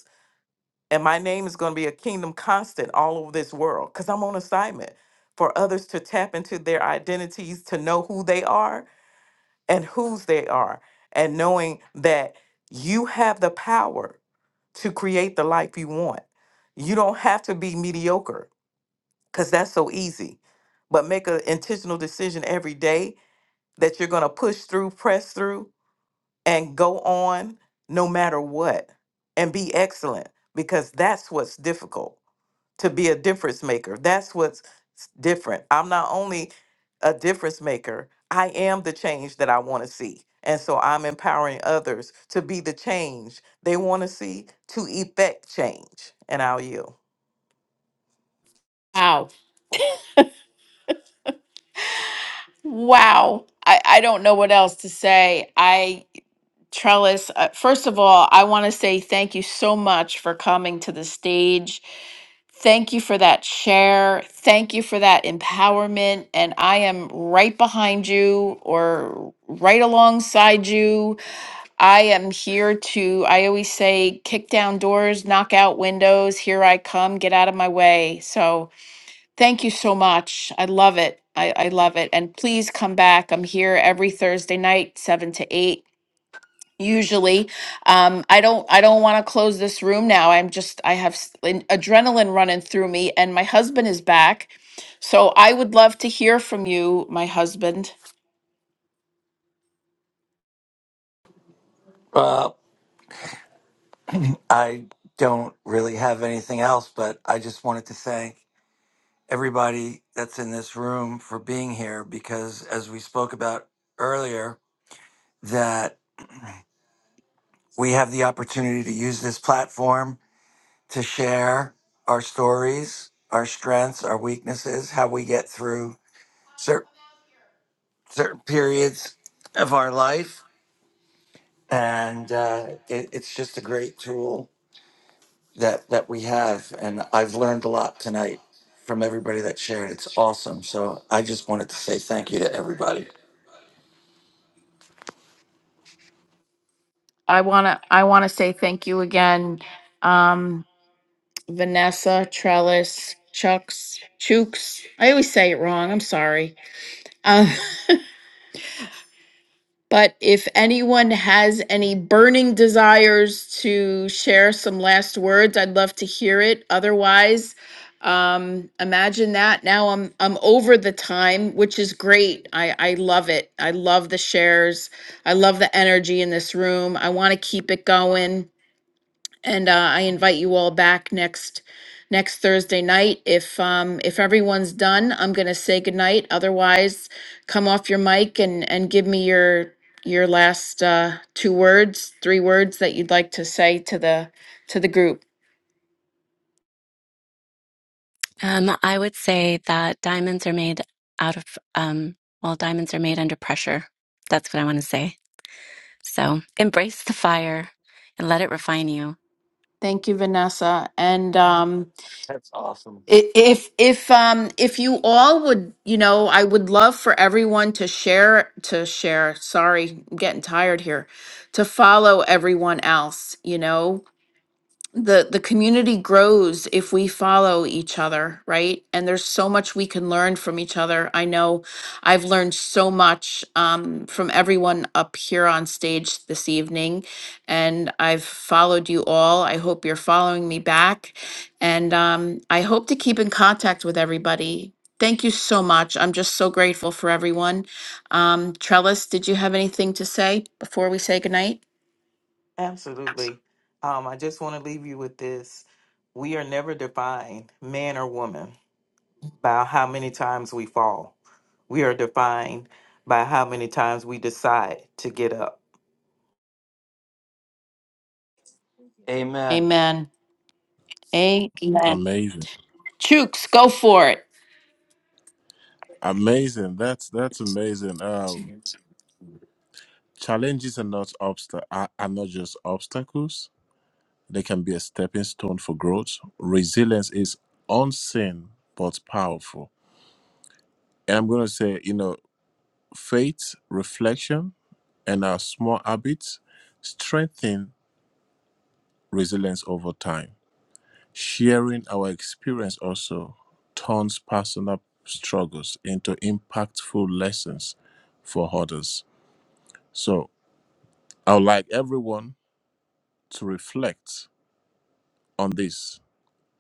[SPEAKER 6] And my name is going to be a kingdom constant all over this world because I'm on assignment for others to tap into their identities, to know who they are and whose they are, and knowing that you have the power to create the life you want. You don't have to be mediocre because that's so easy, but make an intentional decision every day that you're going to push through, press through, and go on no matter what, and be excellent because that's what's difficult to be a difference maker. That's what's s- different. I'm not only a difference maker, I am the change that I want to see. And so I'm empowering others to be the change they want to see to effect change. And I'll yield.
[SPEAKER 1] Wow, wow! I, I don't know what else to say. I Trellis, uh, first of all, I want to say thank you so much for coming to the stage. Thank you for that share. Thank you for that empowerment. And I am right behind you or right alongside you. I am here to, I always say, kick down doors, knock out windows. Here I come. Get out of my way. So thank you so much. I love it. I, I love it. And please come back. I'm here every Thursday night, 7 to 8 usually um i don't i don't want to close this room now i'm just i have s- an adrenaline running through me and my husband is back so i would love to hear from you my husband
[SPEAKER 2] Uh, I don't really have anything else, but I just wanted to thank everybody that's in this room for being here because, as we spoke about earlier, that we have the opportunity to use this platform to share our stories, our strengths, our weaknesses, how we get through cer- certain periods of our life. And uh, it, it's just a great tool that that we have and i've learned a lot tonight from everybody that shared it's awesome so i just wanted to say thank you to everybody
[SPEAKER 1] i want to i want to say thank you again um vanessa trellis chucks chooks i always say it wrong i'm sorry Uh, But if anyone has any burning desires to share some last words, I'd love to hear it. Otherwise, um, imagine that. Now I'm I'm over the time, which is great. I I love it. I love the shares. I love the energy in this room. I want to keep it going. And uh, I invite you all back next next Thursday night. If um, if everyone's done, I'm going to say goodnight. Otherwise, come off your mic and and give me your your last uh, two words, three words that you'd like to say to the to the group.
[SPEAKER 5] Um, I would say that diamonds are made out of um, well, diamonds are made under pressure. That's what I want to say. So embrace the fire and let it refine you.
[SPEAKER 1] Thank you, Vanessa. And um,
[SPEAKER 2] that's awesome
[SPEAKER 1] i- if if um, if you all would, you know, I would love for everyone to share to share. Sorry, I'm getting tired here. To follow everyone else, you know the the community grows if we follow each other right and there's so much we can learn from each other i know i've learned so much um, from everyone up here on stage this evening and i've followed you all i hope you're following me back and um, i hope to keep in contact with everybody thank you so much i'm just so grateful for everyone um, trellis did you have anything to say before we say goodnight
[SPEAKER 6] Absolutely. Um, I just want to leave you with this. We are never defined, man or woman, by how many times we fall. We are defined by how many times we decide to get up.
[SPEAKER 2] amen
[SPEAKER 1] amen amen
[SPEAKER 4] Amazing.
[SPEAKER 1] Chooks, go for it.
[SPEAKER 4] Amazing. That's that's amazing. Um challenges are not obsta- are, are not just obstacles. They can be a stepping stone for growth. Resilience is unseen but powerful. And I'm gonna say, you know, faith, reflection, and our small habits strengthen resilience over time. Sharing our experience also turns personal struggles into impactful lessons for others. So, I would like everyone to reflect on this.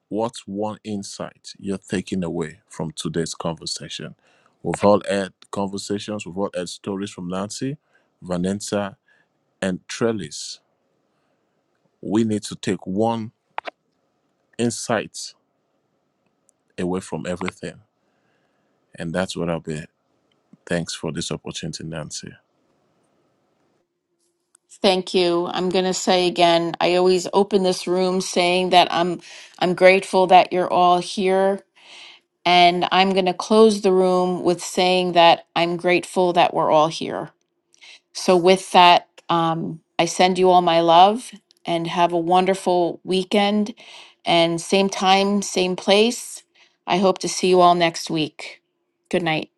[SPEAKER 4] What's one insight you're taking away from today's conversation? We've all had conversations, we've all had stories from Nancy, Vanessa, and Trellis. We need to take one insight away from everything. And that's what I'll be. Thanks for this opportunity, Nancy.
[SPEAKER 1] Thank you. I'm going to say again, I always open this room saying that I'm I'm grateful that you're all here and I'm going to close the room with saying that I'm grateful that we're all here. So with that, um I send you all my love and have a wonderful weekend and same time, same place. I hope to see you all next week. Good night.